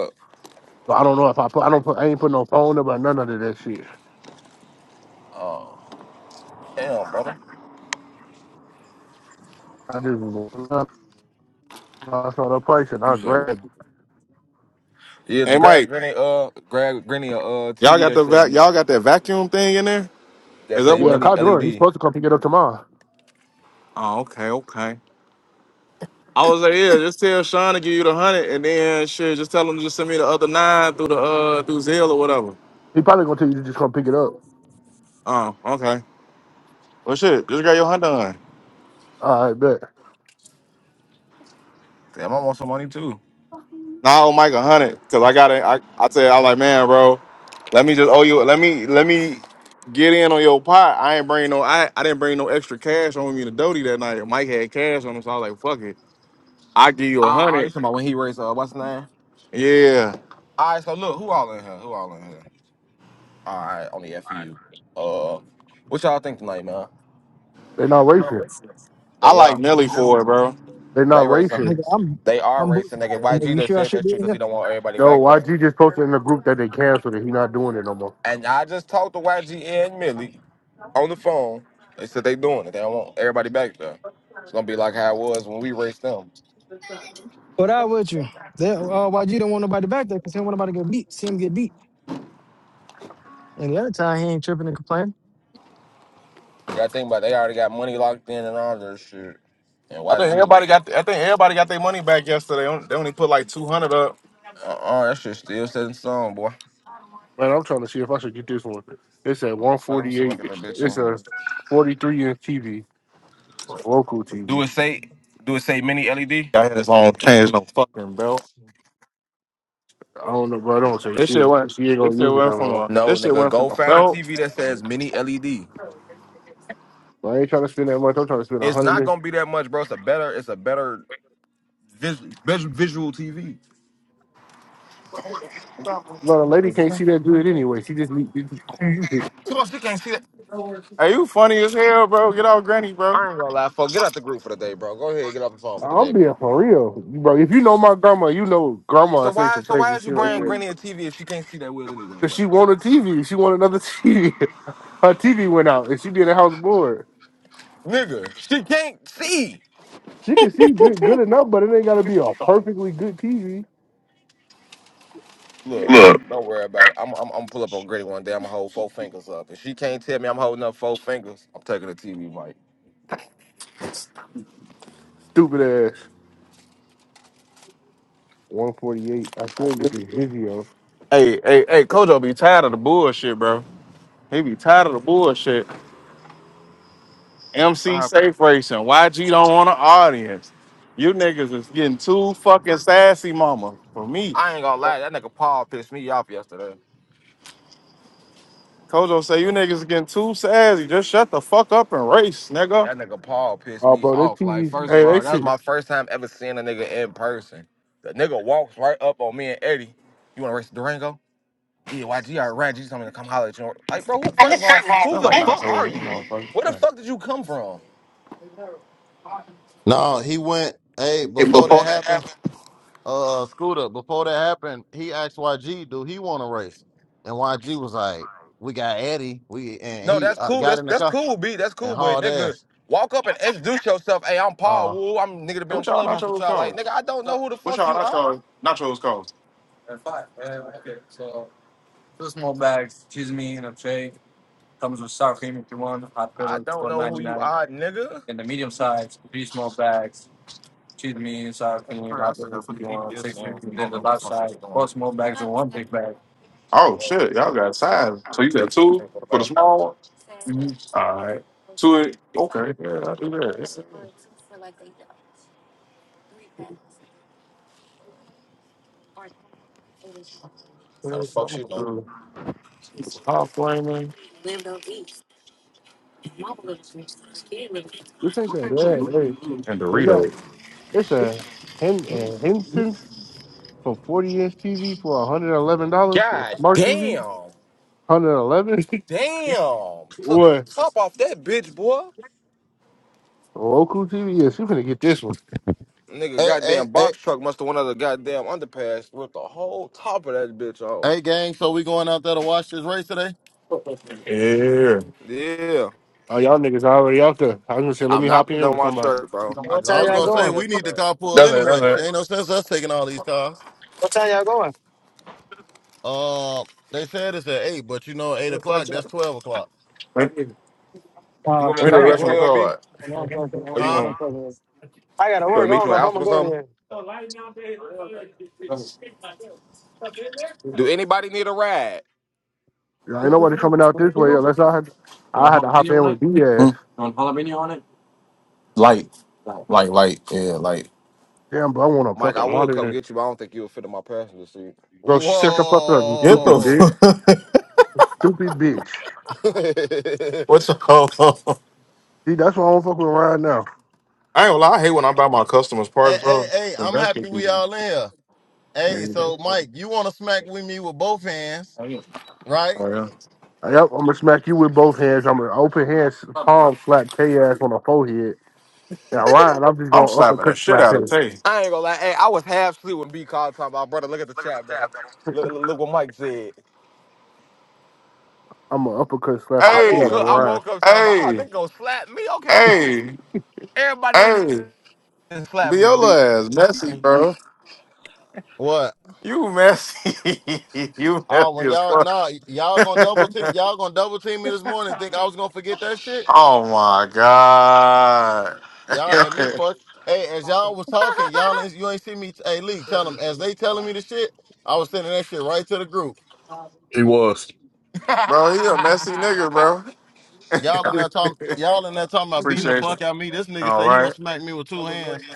Speaker 4: So I don't know if I put. I don't put. I ain't put no phone number or none of that shit.
Speaker 2: up. Um, Damn, brother.
Speaker 4: I just I saw the price and
Speaker 2: You
Speaker 4: I
Speaker 2: say what?
Speaker 4: grabbed.
Speaker 2: Yeah, it's
Speaker 7: Hey
Speaker 2: grab
Speaker 7: Mike,
Speaker 2: granny uh grab granny a uh
Speaker 7: y'all
Speaker 2: TV
Speaker 7: got
Speaker 2: that
Speaker 7: the
Speaker 2: say
Speaker 7: vac- y'all got that vacuum thing in there?
Speaker 2: that
Speaker 7: Is that
Speaker 2: say
Speaker 4: it.
Speaker 7: what?
Speaker 4: Yeah,
Speaker 2: mini
Speaker 4: Kyle Durant. He's
Speaker 2: LED.
Speaker 4: supposed to come pick it up tomorrow.
Speaker 7: Oh, okay, okay. I was like, yeah, just tell Sean to give you the hundred, and then shit, just tell him to just send me the other nine through the uh through Zelle or whatever.
Speaker 4: He probably gonna tell you to just come pick it up.
Speaker 7: Oh, okay. Well, shit, just got your hundred.
Speaker 4: I bet
Speaker 2: Damn, I want some money too.
Speaker 7: Nah, I owe Mike a hundred because I got it. I I tell you, I'm like, man, bro, let me just owe you. Let me let me get in on your pot. I ain't bring no. I I didn't bring no extra cash on me to Doty that night. Mike had cash on him, so I was like, fuck it. I give you a
Speaker 2: Ah, uh, you
Speaker 7: hundred.
Speaker 2: talking about when he raised uh what's his name?
Speaker 7: Yeah,
Speaker 2: Alright, so look, who all in here? Who all in here? Alright, only F you. Uh what y'all think tonight, man?
Speaker 4: they're not racing.
Speaker 7: I
Speaker 2: They
Speaker 7: like
Speaker 2: are.
Speaker 7: Nelly for it, bro.
Speaker 4: They're
Speaker 2: They
Speaker 4: not
Speaker 2: racing.
Speaker 4: racing.
Speaker 8: Nigga, I'm
Speaker 2: They are
Speaker 8: I'm boot
Speaker 2: racing. Nigga,
Speaker 8: shopping, nigga.
Speaker 2: YG
Speaker 8: You
Speaker 2: done
Speaker 8: sure I
Speaker 2: said
Speaker 8: should
Speaker 2: that
Speaker 8: be
Speaker 2: shit
Speaker 8: in
Speaker 2: because he
Speaker 8: here?
Speaker 2: don't want everybody
Speaker 4: No,
Speaker 2: back there.
Speaker 4: YG just posted in the group that they canceled it. He not doing it no more.
Speaker 2: And I just talked to YG and Millie on the phone. They said they doing it. They don't want everybody back there. It's gonna be like how it was when we raced them.
Speaker 8: What out with you? That, uh, why you don't want nobody back there? Cause he don't want nobody to get beat. See him get beat. And the other time he ain't tripping and complaining.
Speaker 2: Yeah, I think about it, they already got money locked in and all this shit. And
Speaker 7: I think
Speaker 2: YG,
Speaker 7: everybody got. I think everybody got their money back yesterday. They only they only put like two hundred up.
Speaker 2: uh, uh that shit still set in stone, boy.
Speaker 4: Man, I'm trying to see if I should get this one. It's at
Speaker 2: Uh, Fuck, let me see if I get that
Speaker 4: 148.
Speaker 2: bitch
Speaker 4: It's
Speaker 2: in here.
Speaker 4: a 43 inch TV, local
Speaker 2: Do
Speaker 4: TV.
Speaker 2: it say do it say mini LED?
Speaker 7: I had this on change no fucking belt.
Speaker 8: Hey,
Speaker 4: I don't know, bro. I don't say
Speaker 7: This shit
Speaker 4: shit.
Speaker 7: went.
Speaker 4: She ain't
Speaker 7: This
Speaker 4: gonna
Speaker 7: shit
Speaker 4: use it
Speaker 7: went
Speaker 4: no
Speaker 7: from
Speaker 4: more.
Speaker 7: a.
Speaker 2: No,
Speaker 7: This shit
Speaker 2: nigga,
Speaker 7: went from
Speaker 2: go
Speaker 7: a
Speaker 2: find a
Speaker 7: belt.
Speaker 2: TV that says mini LED.
Speaker 4: But I ain't trying to spend that much. I'm trying to spend a
Speaker 2: It's not
Speaker 4: hundred.
Speaker 2: gonna be that much, bro. It's a better, it's a better vis- vis- visual TV.
Speaker 4: No, the lady can't see that good anyway. She just need. She use it.
Speaker 2: Too much, you can't see that.
Speaker 7: Hey, you funny as hell, bro. Get off Granny, bro.
Speaker 2: I ain't gonna lie, folk. Get out the group for the day, bro. Go ahead, get off the phone for the
Speaker 4: I'm
Speaker 2: day, bro.
Speaker 4: being for real, bro. If you know my grandma, you know grandma
Speaker 2: So
Speaker 4: say
Speaker 2: why,
Speaker 4: some
Speaker 2: so why
Speaker 4: crazy
Speaker 2: did you
Speaker 4: shit like
Speaker 2: bring
Speaker 4: that.
Speaker 2: Granny a TV if she can't see that well anyway,
Speaker 4: Cause she
Speaker 2: bro?
Speaker 4: want a TV. She want another TV. Her TV went out, and she be in the house bored.
Speaker 2: Nigga, she can't see.
Speaker 4: You can see ju- good enough, but it ain't gotta be a perfectly good TV.
Speaker 2: Look,
Speaker 7: Look.
Speaker 2: don't worry about it. I'm I'm, I'm pull up on Gritty one day. I'm gonna hold four fingers up. If she can't tell me I'm holding up four fingers, I'm taking the TV mic.
Speaker 4: Stupid ass. 148. I still get this video.
Speaker 7: Hey, hey, hey, Kojo be tired of the bullshit, bro. He be tired of the bullshit. MC
Speaker 2: I
Speaker 7: Safe Racing, YG don't want an audience. You niggas is getting too fucking sassy, mama, for me.
Speaker 2: I ain't gonna lie, that nigga Paul pissed me off yesterday.
Speaker 7: Kojo say you niggas is getting too sassy. Just shut the fuck up and race, nigga.
Speaker 2: That nigga Paul pissed
Speaker 4: Oh,
Speaker 2: me
Speaker 4: bro, this
Speaker 2: off. Like,
Speaker 4: TV.
Speaker 2: first of
Speaker 4: Hey,
Speaker 2: all,
Speaker 4: they
Speaker 2: that was
Speaker 4: shit.
Speaker 2: my first time ever seeing a nigga in person. The nigga walks right up on me and Eddie. You wanna race the Durango? Yeah, YG, I ran. You told me to come holler at you. Like, bro, who,
Speaker 4: This
Speaker 2: first
Speaker 4: ain't
Speaker 2: of all,
Speaker 7: It's
Speaker 4: that
Speaker 2: who
Speaker 7: not
Speaker 2: the
Speaker 7: like
Speaker 2: fuck are
Speaker 7: nachos, these
Speaker 2: you?
Speaker 7: motherfuckers.
Speaker 2: Where the
Speaker 7: Yeah.
Speaker 2: fuck did you come from?
Speaker 9: No, he went. Hey,
Speaker 7: Hey,
Speaker 9: before that
Speaker 7: before that,
Speaker 9: happened, uh, Scooter. Before that happened, he asked YG, "Do he want to race?" And YG was like, "We got Eddie. We and
Speaker 2: No,
Speaker 9: he
Speaker 2: that's
Speaker 9: uh,
Speaker 2: cool.
Speaker 9: got
Speaker 2: That's
Speaker 9: in the
Speaker 2: that's
Speaker 9: car
Speaker 2: cool, B. That's
Speaker 9: and
Speaker 2: cool, but
Speaker 9: hauled
Speaker 2: nigga,
Speaker 9: ass."
Speaker 2: walk up and introduce yourself. Hey, I'm Paul
Speaker 9: Uh,
Speaker 2: Woo. I'm nigga to
Speaker 7: Hey,
Speaker 2: be
Speaker 7: what
Speaker 2: on
Speaker 7: y'all
Speaker 2: Clubhouse with
Speaker 7: nachos
Speaker 2: y'all. Like,
Speaker 7: called?
Speaker 2: nigga, I don't know who the
Speaker 7: What
Speaker 2: fuck
Speaker 7: y'all
Speaker 2: you are.
Speaker 7: nachos nachos called? Uh, Five, Uh, okay. So two small bags, cheese me and a tray. Comes with sour cream if you want. Hot
Speaker 2: I
Speaker 7: pepper,
Speaker 2: don't
Speaker 7: four
Speaker 2: know who you
Speaker 7: ninety-nine.
Speaker 2: are, nigga.
Speaker 7: in the medium size, three small bags, cheese medium size, can you hot dogs if you want, six fifty. Then the large size, four small bags and one big bag. Oh shit, y'all got size. So you got two for the small one? hmm All right. Two okay, yeah, I do that. It's- it's-
Speaker 2: How the
Speaker 7: I'm
Speaker 2: fuck
Speaker 7: gonna
Speaker 2: she know?
Speaker 7: do Hot flaming
Speaker 4: bad. Hey,
Speaker 7: and
Speaker 4: they got
Speaker 7: Doritos.
Speaker 4: it's a Hen a Henson's for forty inch TV for one hundred eleven dollars.
Speaker 2: God
Speaker 4: Smart TV,
Speaker 2: damn.
Speaker 4: hundred eleven.
Speaker 2: Damn. Took the
Speaker 4: What
Speaker 2: top off that bitch, boy.
Speaker 4: local TV? Yes, you finna get this one.
Speaker 2: Nigga,
Speaker 9: hey, hey,
Speaker 2: goddamn
Speaker 9: hey,
Speaker 2: box truck must have went under the goddamn underpass. Ripped the whole top of that bitch off.
Speaker 9: hey, gang. So we going out there to watch this race today?
Speaker 7: Yeah.
Speaker 2: Yeah.
Speaker 4: Oh, y'all niggas already out there. I was gonna say, let
Speaker 2: I'm
Speaker 4: me
Speaker 2: not
Speaker 4: hop
Speaker 2: putting
Speaker 4: in
Speaker 2: on
Speaker 4: with
Speaker 2: my
Speaker 4: somebody.
Speaker 2: shirt, bro. I
Speaker 8: What
Speaker 2: just
Speaker 9: I
Speaker 8: time
Speaker 2: had
Speaker 9: was
Speaker 2: my
Speaker 8: y'all
Speaker 9: gonna
Speaker 2: shirt
Speaker 9: say
Speaker 2: on
Speaker 8: going?
Speaker 9: we need the
Speaker 2: yesterday.
Speaker 9: carpool
Speaker 7: That's it, that's
Speaker 9: anyway. Shit,
Speaker 7: it.
Speaker 9: Ain't no sense us taking all these cars.
Speaker 8: What time y'all going?
Speaker 9: Um, they said it's at eight, but you know, eight o'clock. That's twelve o'clock,
Speaker 7: Let me
Speaker 2: You
Speaker 8: Oh
Speaker 2: want
Speaker 7: let
Speaker 2: me to
Speaker 7: me
Speaker 8: shit,
Speaker 7: do
Speaker 8: I
Speaker 2: come
Speaker 7: the
Speaker 8: gotta
Speaker 2: get
Speaker 7: rest on
Speaker 2: you,
Speaker 7: the
Speaker 8: work.
Speaker 2: uh, B?
Speaker 7: card.
Speaker 8: Man,
Speaker 7: You
Speaker 8: I'm
Speaker 2: Or you
Speaker 8: fucking,
Speaker 9: huh?
Speaker 2: gonna,
Speaker 8: I'm
Speaker 2: you
Speaker 8: fucking. I gotta
Speaker 2: gonna
Speaker 8: work. I
Speaker 2: meet
Speaker 8: don't
Speaker 2: you
Speaker 8: know
Speaker 2: in
Speaker 8: if I'm
Speaker 2: Alpha
Speaker 8: gonna
Speaker 2: or
Speaker 8: go
Speaker 2: something?
Speaker 8: there.
Speaker 4: Yeah,
Speaker 2: Do anybody need a ride?
Speaker 4: ain't nobody coming out this way unless I had
Speaker 7: want
Speaker 4: I had to hop in
Speaker 7: jalapeno on
Speaker 4: with
Speaker 7: it?
Speaker 4: B
Speaker 7: Hmm.
Speaker 4: ass.
Speaker 7: jalapeno on it? Light, like, like, yeah, like,
Speaker 4: Damn, but I want a
Speaker 2: Mike, I
Speaker 4: fucking
Speaker 2: would come
Speaker 4: monitor.
Speaker 2: get you, but I don't think you would fit in my passenger seat.
Speaker 4: Bro, she set the fuck up, you
Speaker 7: get the
Speaker 4: stupid
Speaker 9: Whoa.
Speaker 4: bitch.
Speaker 7: fuck.
Speaker 4: Stupid bitch.
Speaker 7: What's the hell?
Speaker 4: See, that's why I don't fuck with Ryan now.
Speaker 7: I ain't gonna lie, I hate when I buy my customers
Speaker 9: Hey,
Speaker 7: parts,
Speaker 9: hey,
Speaker 7: bro.
Speaker 9: hey, I'm happy we all in here.
Speaker 7: Yeah,
Speaker 9: Hey, so Mike, you want to smack with me with both hands, right?
Speaker 7: oh,
Speaker 4: Yep, I'm gonna smack you with both hands. I'm gonna open hand
Speaker 7: yeah.
Speaker 4: palm slap Tay ass on the forehead. And Ryan, I'm just
Speaker 7: I'm
Speaker 4: gonna
Speaker 7: slapping the
Speaker 4: uppercut
Speaker 7: shit
Speaker 4: slap
Speaker 7: out of
Speaker 4: him.
Speaker 7: Tay.
Speaker 2: I ain't gonna lie. Hey, I was half asleep when B called talking about brother. Look at the chat, brother. Look, look, look what Mike said.
Speaker 4: I'm gonna uppercut slap the
Speaker 2: I
Speaker 4: shit
Speaker 2: woke
Speaker 7: Hey,
Speaker 4: out of
Speaker 2: up. I
Speaker 4: Ryan.
Speaker 2: woke up talking about. Oh,
Speaker 7: hey,
Speaker 2: they gonna slap me. Okay, cool.
Speaker 7: hey,
Speaker 2: Everybody in
Speaker 7: hey.
Speaker 2: this
Speaker 7: Be
Speaker 2: slap but
Speaker 7: your
Speaker 2: B.
Speaker 7: ass messy, bro.
Speaker 9: What?
Speaker 7: You messy. you
Speaker 9: Oh,
Speaker 7: messy
Speaker 9: when
Speaker 7: as
Speaker 9: y'all
Speaker 7: fuck.
Speaker 9: nah, y- y'all gonna double team, y'all gonna double team me this morning. Think I was gonna forget that shit?
Speaker 7: oh my god.
Speaker 9: Y'all had me fucked. Hey, as y'all was talking, y'all ain't- you ain't see me. Hey, Lee, tell them as they telling me the shit, I was sending that shit right to the group.
Speaker 1: He was
Speaker 7: bro, he a messy nigga, bro.
Speaker 9: Y'all in that talk, y'all in that talking about beating the fuck out of me. This nigga
Speaker 7: All
Speaker 9: say he
Speaker 7: right.
Speaker 9: gonna smack me with two hands,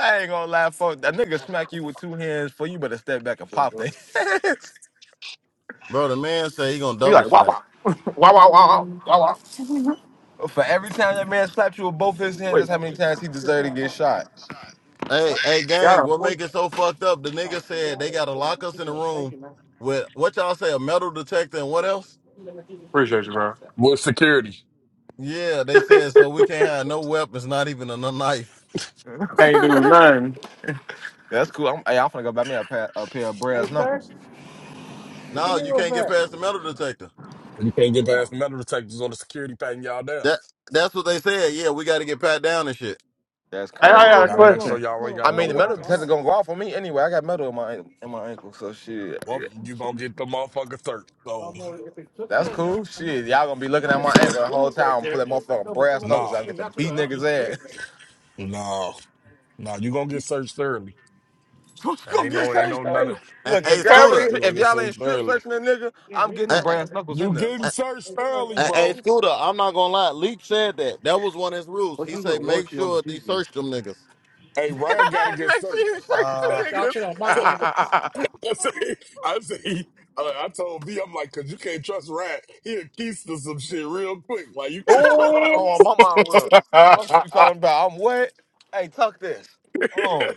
Speaker 2: I ain't gonna lie, fuck. That nigga smack you with two hands, for you better step back and pop that.
Speaker 9: bro. The man say he gonna
Speaker 7: You
Speaker 9: double
Speaker 7: like wow
Speaker 9: smack.
Speaker 7: wow wow wow wow. wow.
Speaker 2: For every time that man slapped you with both his hands,
Speaker 7: Wait,
Speaker 2: that's how many times he deserved to get shot.
Speaker 9: Hey, hey, gang,
Speaker 7: yeah,
Speaker 9: what make it so fucked up? The nigga said they gotta lock us in a room with what y'all say, a metal detector and what else?
Speaker 7: appreciate you, bro.
Speaker 1: with security.
Speaker 9: Yeah, they said so we can't have no weapons, not even a n- knife.
Speaker 7: Can't do nothing.
Speaker 2: That's cool. I'm, hey, I'm finna go buy me a pair, a pair of brass knuckles.
Speaker 9: No, you can't get past the metal detector.
Speaker 1: You can't get past the metal detectors or the security patting y'all down.
Speaker 9: That that's what they said. Yeah, we gotta get pat down and shit.
Speaker 2: That's
Speaker 7: Hey, I
Speaker 2: crazy.
Speaker 7: got a
Speaker 1: gotta make sure
Speaker 7: question.
Speaker 1: y'all ain't
Speaker 2: I
Speaker 1: got no
Speaker 2: mean, the metal detector
Speaker 1: weapons.
Speaker 2: gonna go off on me anyway. I got metal in my an- in my ankle, so shit.
Speaker 1: Well, you gonna get the motherfucker searched. So,
Speaker 2: That's cool. Shit, y'all gonna be looking at my ankle the whole time. I'm gonna Pull that motherfucking brass knuckles
Speaker 1: nah,
Speaker 2: out and get to beat niggas ass.
Speaker 1: nah. No, you gonna get searched thoroughly.
Speaker 2: What you
Speaker 1: And
Speaker 2: gonna
Speaker 1: ain't
Speaker 2: get
Speaker 1: no, ain't
Speaker 2: straight
Speaker 1: no none
Speaker 2: straight?
Speaker 1: of.
Speaker 9: Hey,
Speaker 2: Look,
Speaker 9: hey,
Speaker 2: if y'all ain't
Speaker 9: Scooter.
Speaker 7: Cavity.
Speaker 1: You
Speaker 2: stri-
Speaker 1: gonna
Speaker 2: if
Speaker 1: get
Speaker 2: y'all
Speaker 1: searched
Speaker 2: ain't strip
Speaker 1: thoroughly.
Speaker 2: searching a nigga, I'm getting them
Speaker 9: Hey, hey,
Speaker 2: brass knuckles
Speaker 1: You
Speaker 2: in there.
Speaker 1: getting
Speaker 9: hey,
Speaker 1: searched thoroughly,
Speaker 9: hey, hey,
Speaker 1: bro.
Speaker 9: Scooter, I'm not gonna lie. Leak said that. That was one of his rules.
Speaker 4: What's
Speaker 9: He say
Speaker 4: usually
Speaker 9: make
Speaker 4: warranty on the
Speaker 9: sure they
Speaker 4: TV?
Speaker 9: search them niggas.
Speaker 1: Hey, Ryan got to get
Speaker 2: Make sure
Speaker 1: searched.
Speaker 2: you search
Speaker 1: I
Speaker 2: the
Speaker 1: say,
Speaker 2: niggas.
Speaker 1: I say, I, say- I I told B, I'm like, cause you can't trust Ryan. He'll keys to some shit real quick. Like you can't trust
Speaker 7: Ooh.
Speaker 2: oh,
Speaker 1: folks.
Speaker 2: my mind will. Fuck
Speaker 7: That's
Speaker 2: you talking about? I'm wet. Hey, tuck this. Oh.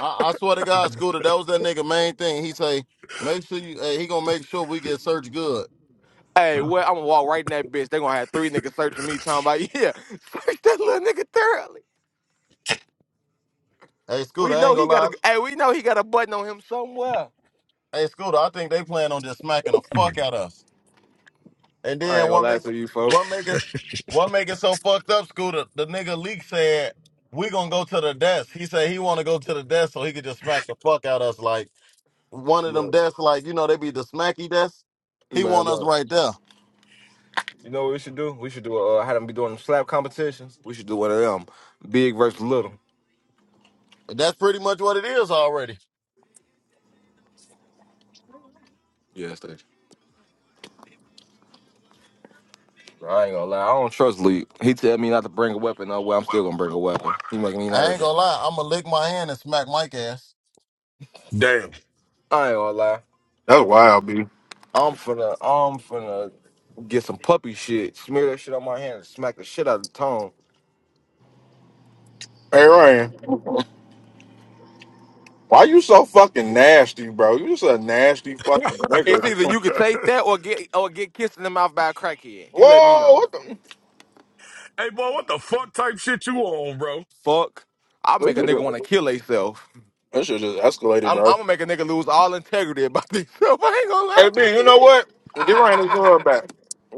Speaker 9: I, I swear to God, Scooter, that was that nigga main thing. He say, make sure you, hey, he gonna make sure we get searched good.
Speaker 2: Hey, what? I'm gonna walk right in that bitch. They gonna have three niggas searching me, talking about yeah, search that little nigga thoroughly.
Speaker 9: Hey, Scooter,
Speaker 2: We
Speaker 9: I
Speaker 2: know
Speaker 9: ain't
Speaker 2: he
Speaker 9: gonna
Speaker 2: got
Speaker 9: lie.
Speaker 2: a. Hey, we know he got a button on him somewhere.
Speaker 9: Hey, Scooter, I think they plan on just smacking the fuck out us. And
Speaker 2: I
Speaker 9: then
Speaker 2: ain't gonna
Speaker 9: what
Speaker 2: lie
Speaker 9: make
Speaker 2: to you, folk.
Speaker 9: what make us what make it so fucked up, Scooter? The nigga leak said we gonna go to the desk. He said he want to go to the desk so he could just smack the fuck out us. Like one of them
Speaker 2: Look,
Speaker 9: desks, like you know they be the smacky desk. He
Speaker 2: man,
Speaker 9: want us
Speaker 2: look.
Speaker 9: right there.
Speaker 2: You know what we should do? We should do. Uh, had them be doing them slap competitions. We should do one of them, big versus little.
Speaker 9: That's pretty much what it is already.
Speaker 2: Yeah, stage. I ain't gonna lie. I don't trust Lee. He tell me not to bring a weapon. No way. I'm still gonna bring a weapon. He making me
Speaker 9: I ain't
Speaker 2: nervous.
Speaker 9: gonna lie. I'ma lick my hand and smack Mike ass.
Speaker 1: Damn.
Speaker 2: I ain't gonna lie.
Speaker 7: wild, B.
Speaker 2: I'm finna, I'm finna get some puppy shit, smear that shit on my hand, and smack the shit out of the tongue.
Speaker 7: Hey, Ryan, why you so fucking nasty, bro? You just a nasty fucking
Speaker 2: It's
Speaker 7: nigga.
Speaker 2: either you can take that or get or get kissed in the mouth by a crackhead. You let me
Speaker 7: Whoa,
Speaker 2: know.
Speaker 7: what the?
Speaker 1: hey, boy, what the fuck type shit you on, bro?
Speaker 2: Fuck. I'll make a nigga wanna kill himself.
Speaker 7: This shit just, this shit just escalated,
Speaker 2: I'm, I'm
Speaker 7: bro.
Speaker 2: gonna make a nigga lose all integrity about himself. I ain't gonna lie
Speaker 7: Hey, B, you know what?
Speaker 2: to you.
Speaker 7: Get Ryan his gun back.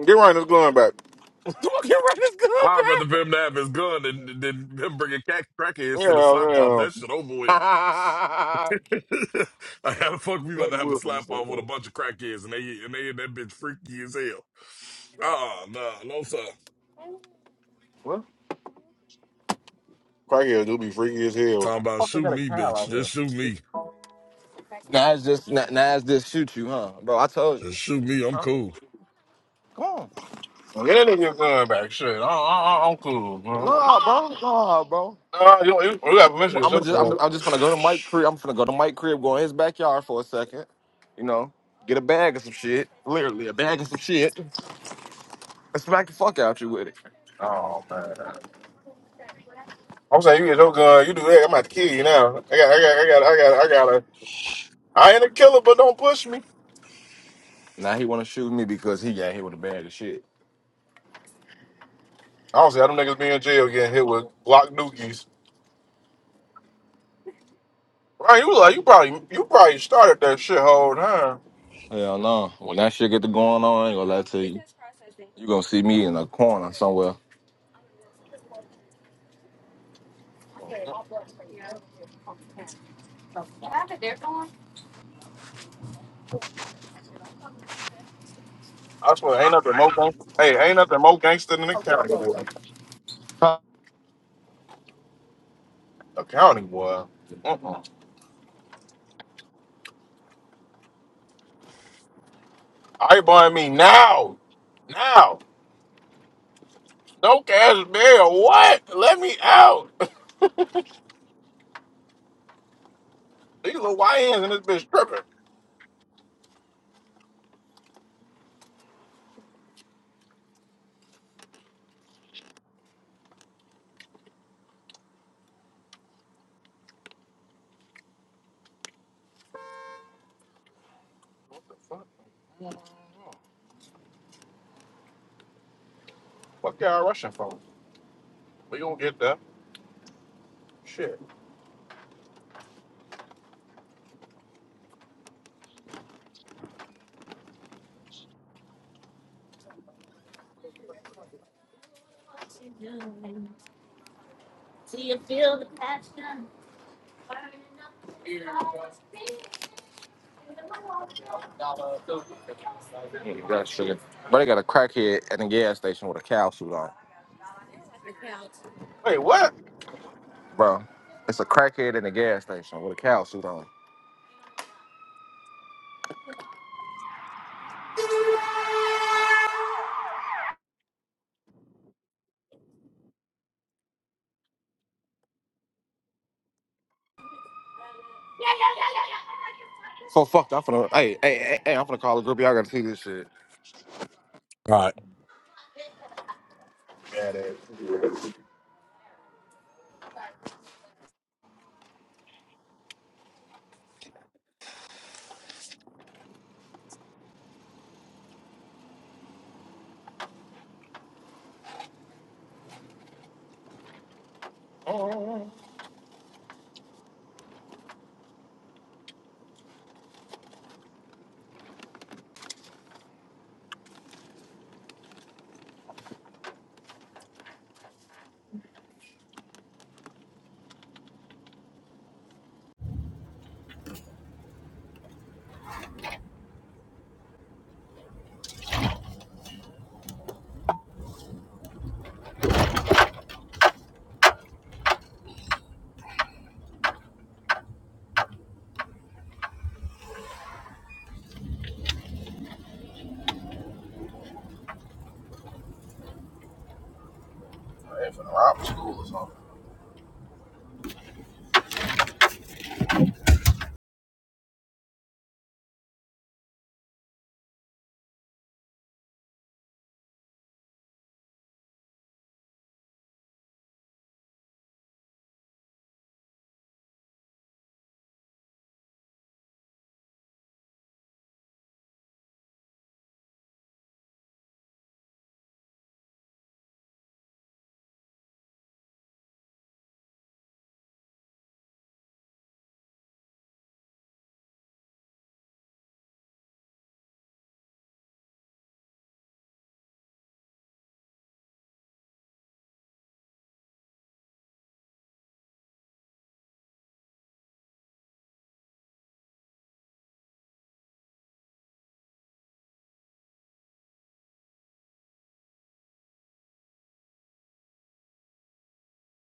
Speaker 7: Get Ryan his gun back.
Speaker 2: Do I get right this gun
Speaker 1: I'd
Speaker 2: back?
Speaker 1: rather for him to have his gun than, than him bringing cat crackheads to the
Speaker 7: Yeah,
Speaker 1: slap off.
Speaker 7: yeah.
Speaker 1: That shit over with. I have fuck. We about to have a slap off with a bunch of crackheads, and they and they and that bitch freaky as hell. Ah, nah, no sir.
Speaker 2: well,
Speaker 7: Crackheads do be freaky as hell.
Speaker 1: Talking about shoot me, bitch. Just shoot me.
Speaker 2: now it's just now, now it's just shoot you, huh, bro? I told you,
Speaker 1: Just shoot me. I'm
Speaker 2: huh?
Speaker 1: cool.
Speaker 2: Come on,
Speaker 7: Well, Get that nigga your gun back. Shit, I, I, I, I'm cool. man.
Speaker 2: nah, bro, nah, bro.
Speaker 7: Nah, you, you, you got permission to
Speaker 2: I'm gonna
Speaker 7: shoot
Speaker 2: just
Speaker 7: gun.
Speaker 2: I'm, I'm just gonna go to Mike crib. I'm gonna go to Mike crib, go in his backyard for a second. You know, get a bag of some shit. Literally a bag of some shit. And smack the fuck out you with it.
Speaker 7: Oh man, I'm saying you get your gun, you do that. I'm about to kill you now. I got, I got, I got, I got, I got a. I ain't a killer, but don't push me.
Speaker 2: Now he wanna shoot me because he got hit with a bag of shit.
Speaker 7: I don't see how them niggas be in jail getting hit with Glock dookies. Right, you like you probably you probably started that shit whole time.
Speaker 2: Hell no. When that shit get to going on, I ain't gonna lie to you. You gonna see me in a corner somewhere.
Speaker 7: I swear, ain't nothing more gangster. Hey, ain't nothing more gangster than the county boy.
Speaker 2: Mm,
Speaker 7: The county boy. Mm-mm. I buying me now, now. Dope ass bear, what? Let me out. These little YNs and this bitch tripping. What the fuck? Fuck y'all rushing for? We gonna get that Shit.
Speaker 2: That shit. Bro, they got a crackhead at the gas station with a cow suit on.
Speaker 7: Wait, what?
Speaker 2: Bro, it's a crackhead in the gas station with a cow suit on. So fuck, I'm finna. Hey, hey, hey, hey, I'm finna call a group. Y'all gotta see this shit.
Speaker 1: All right.
Speaker 7: Oh, they finna rob a school or something.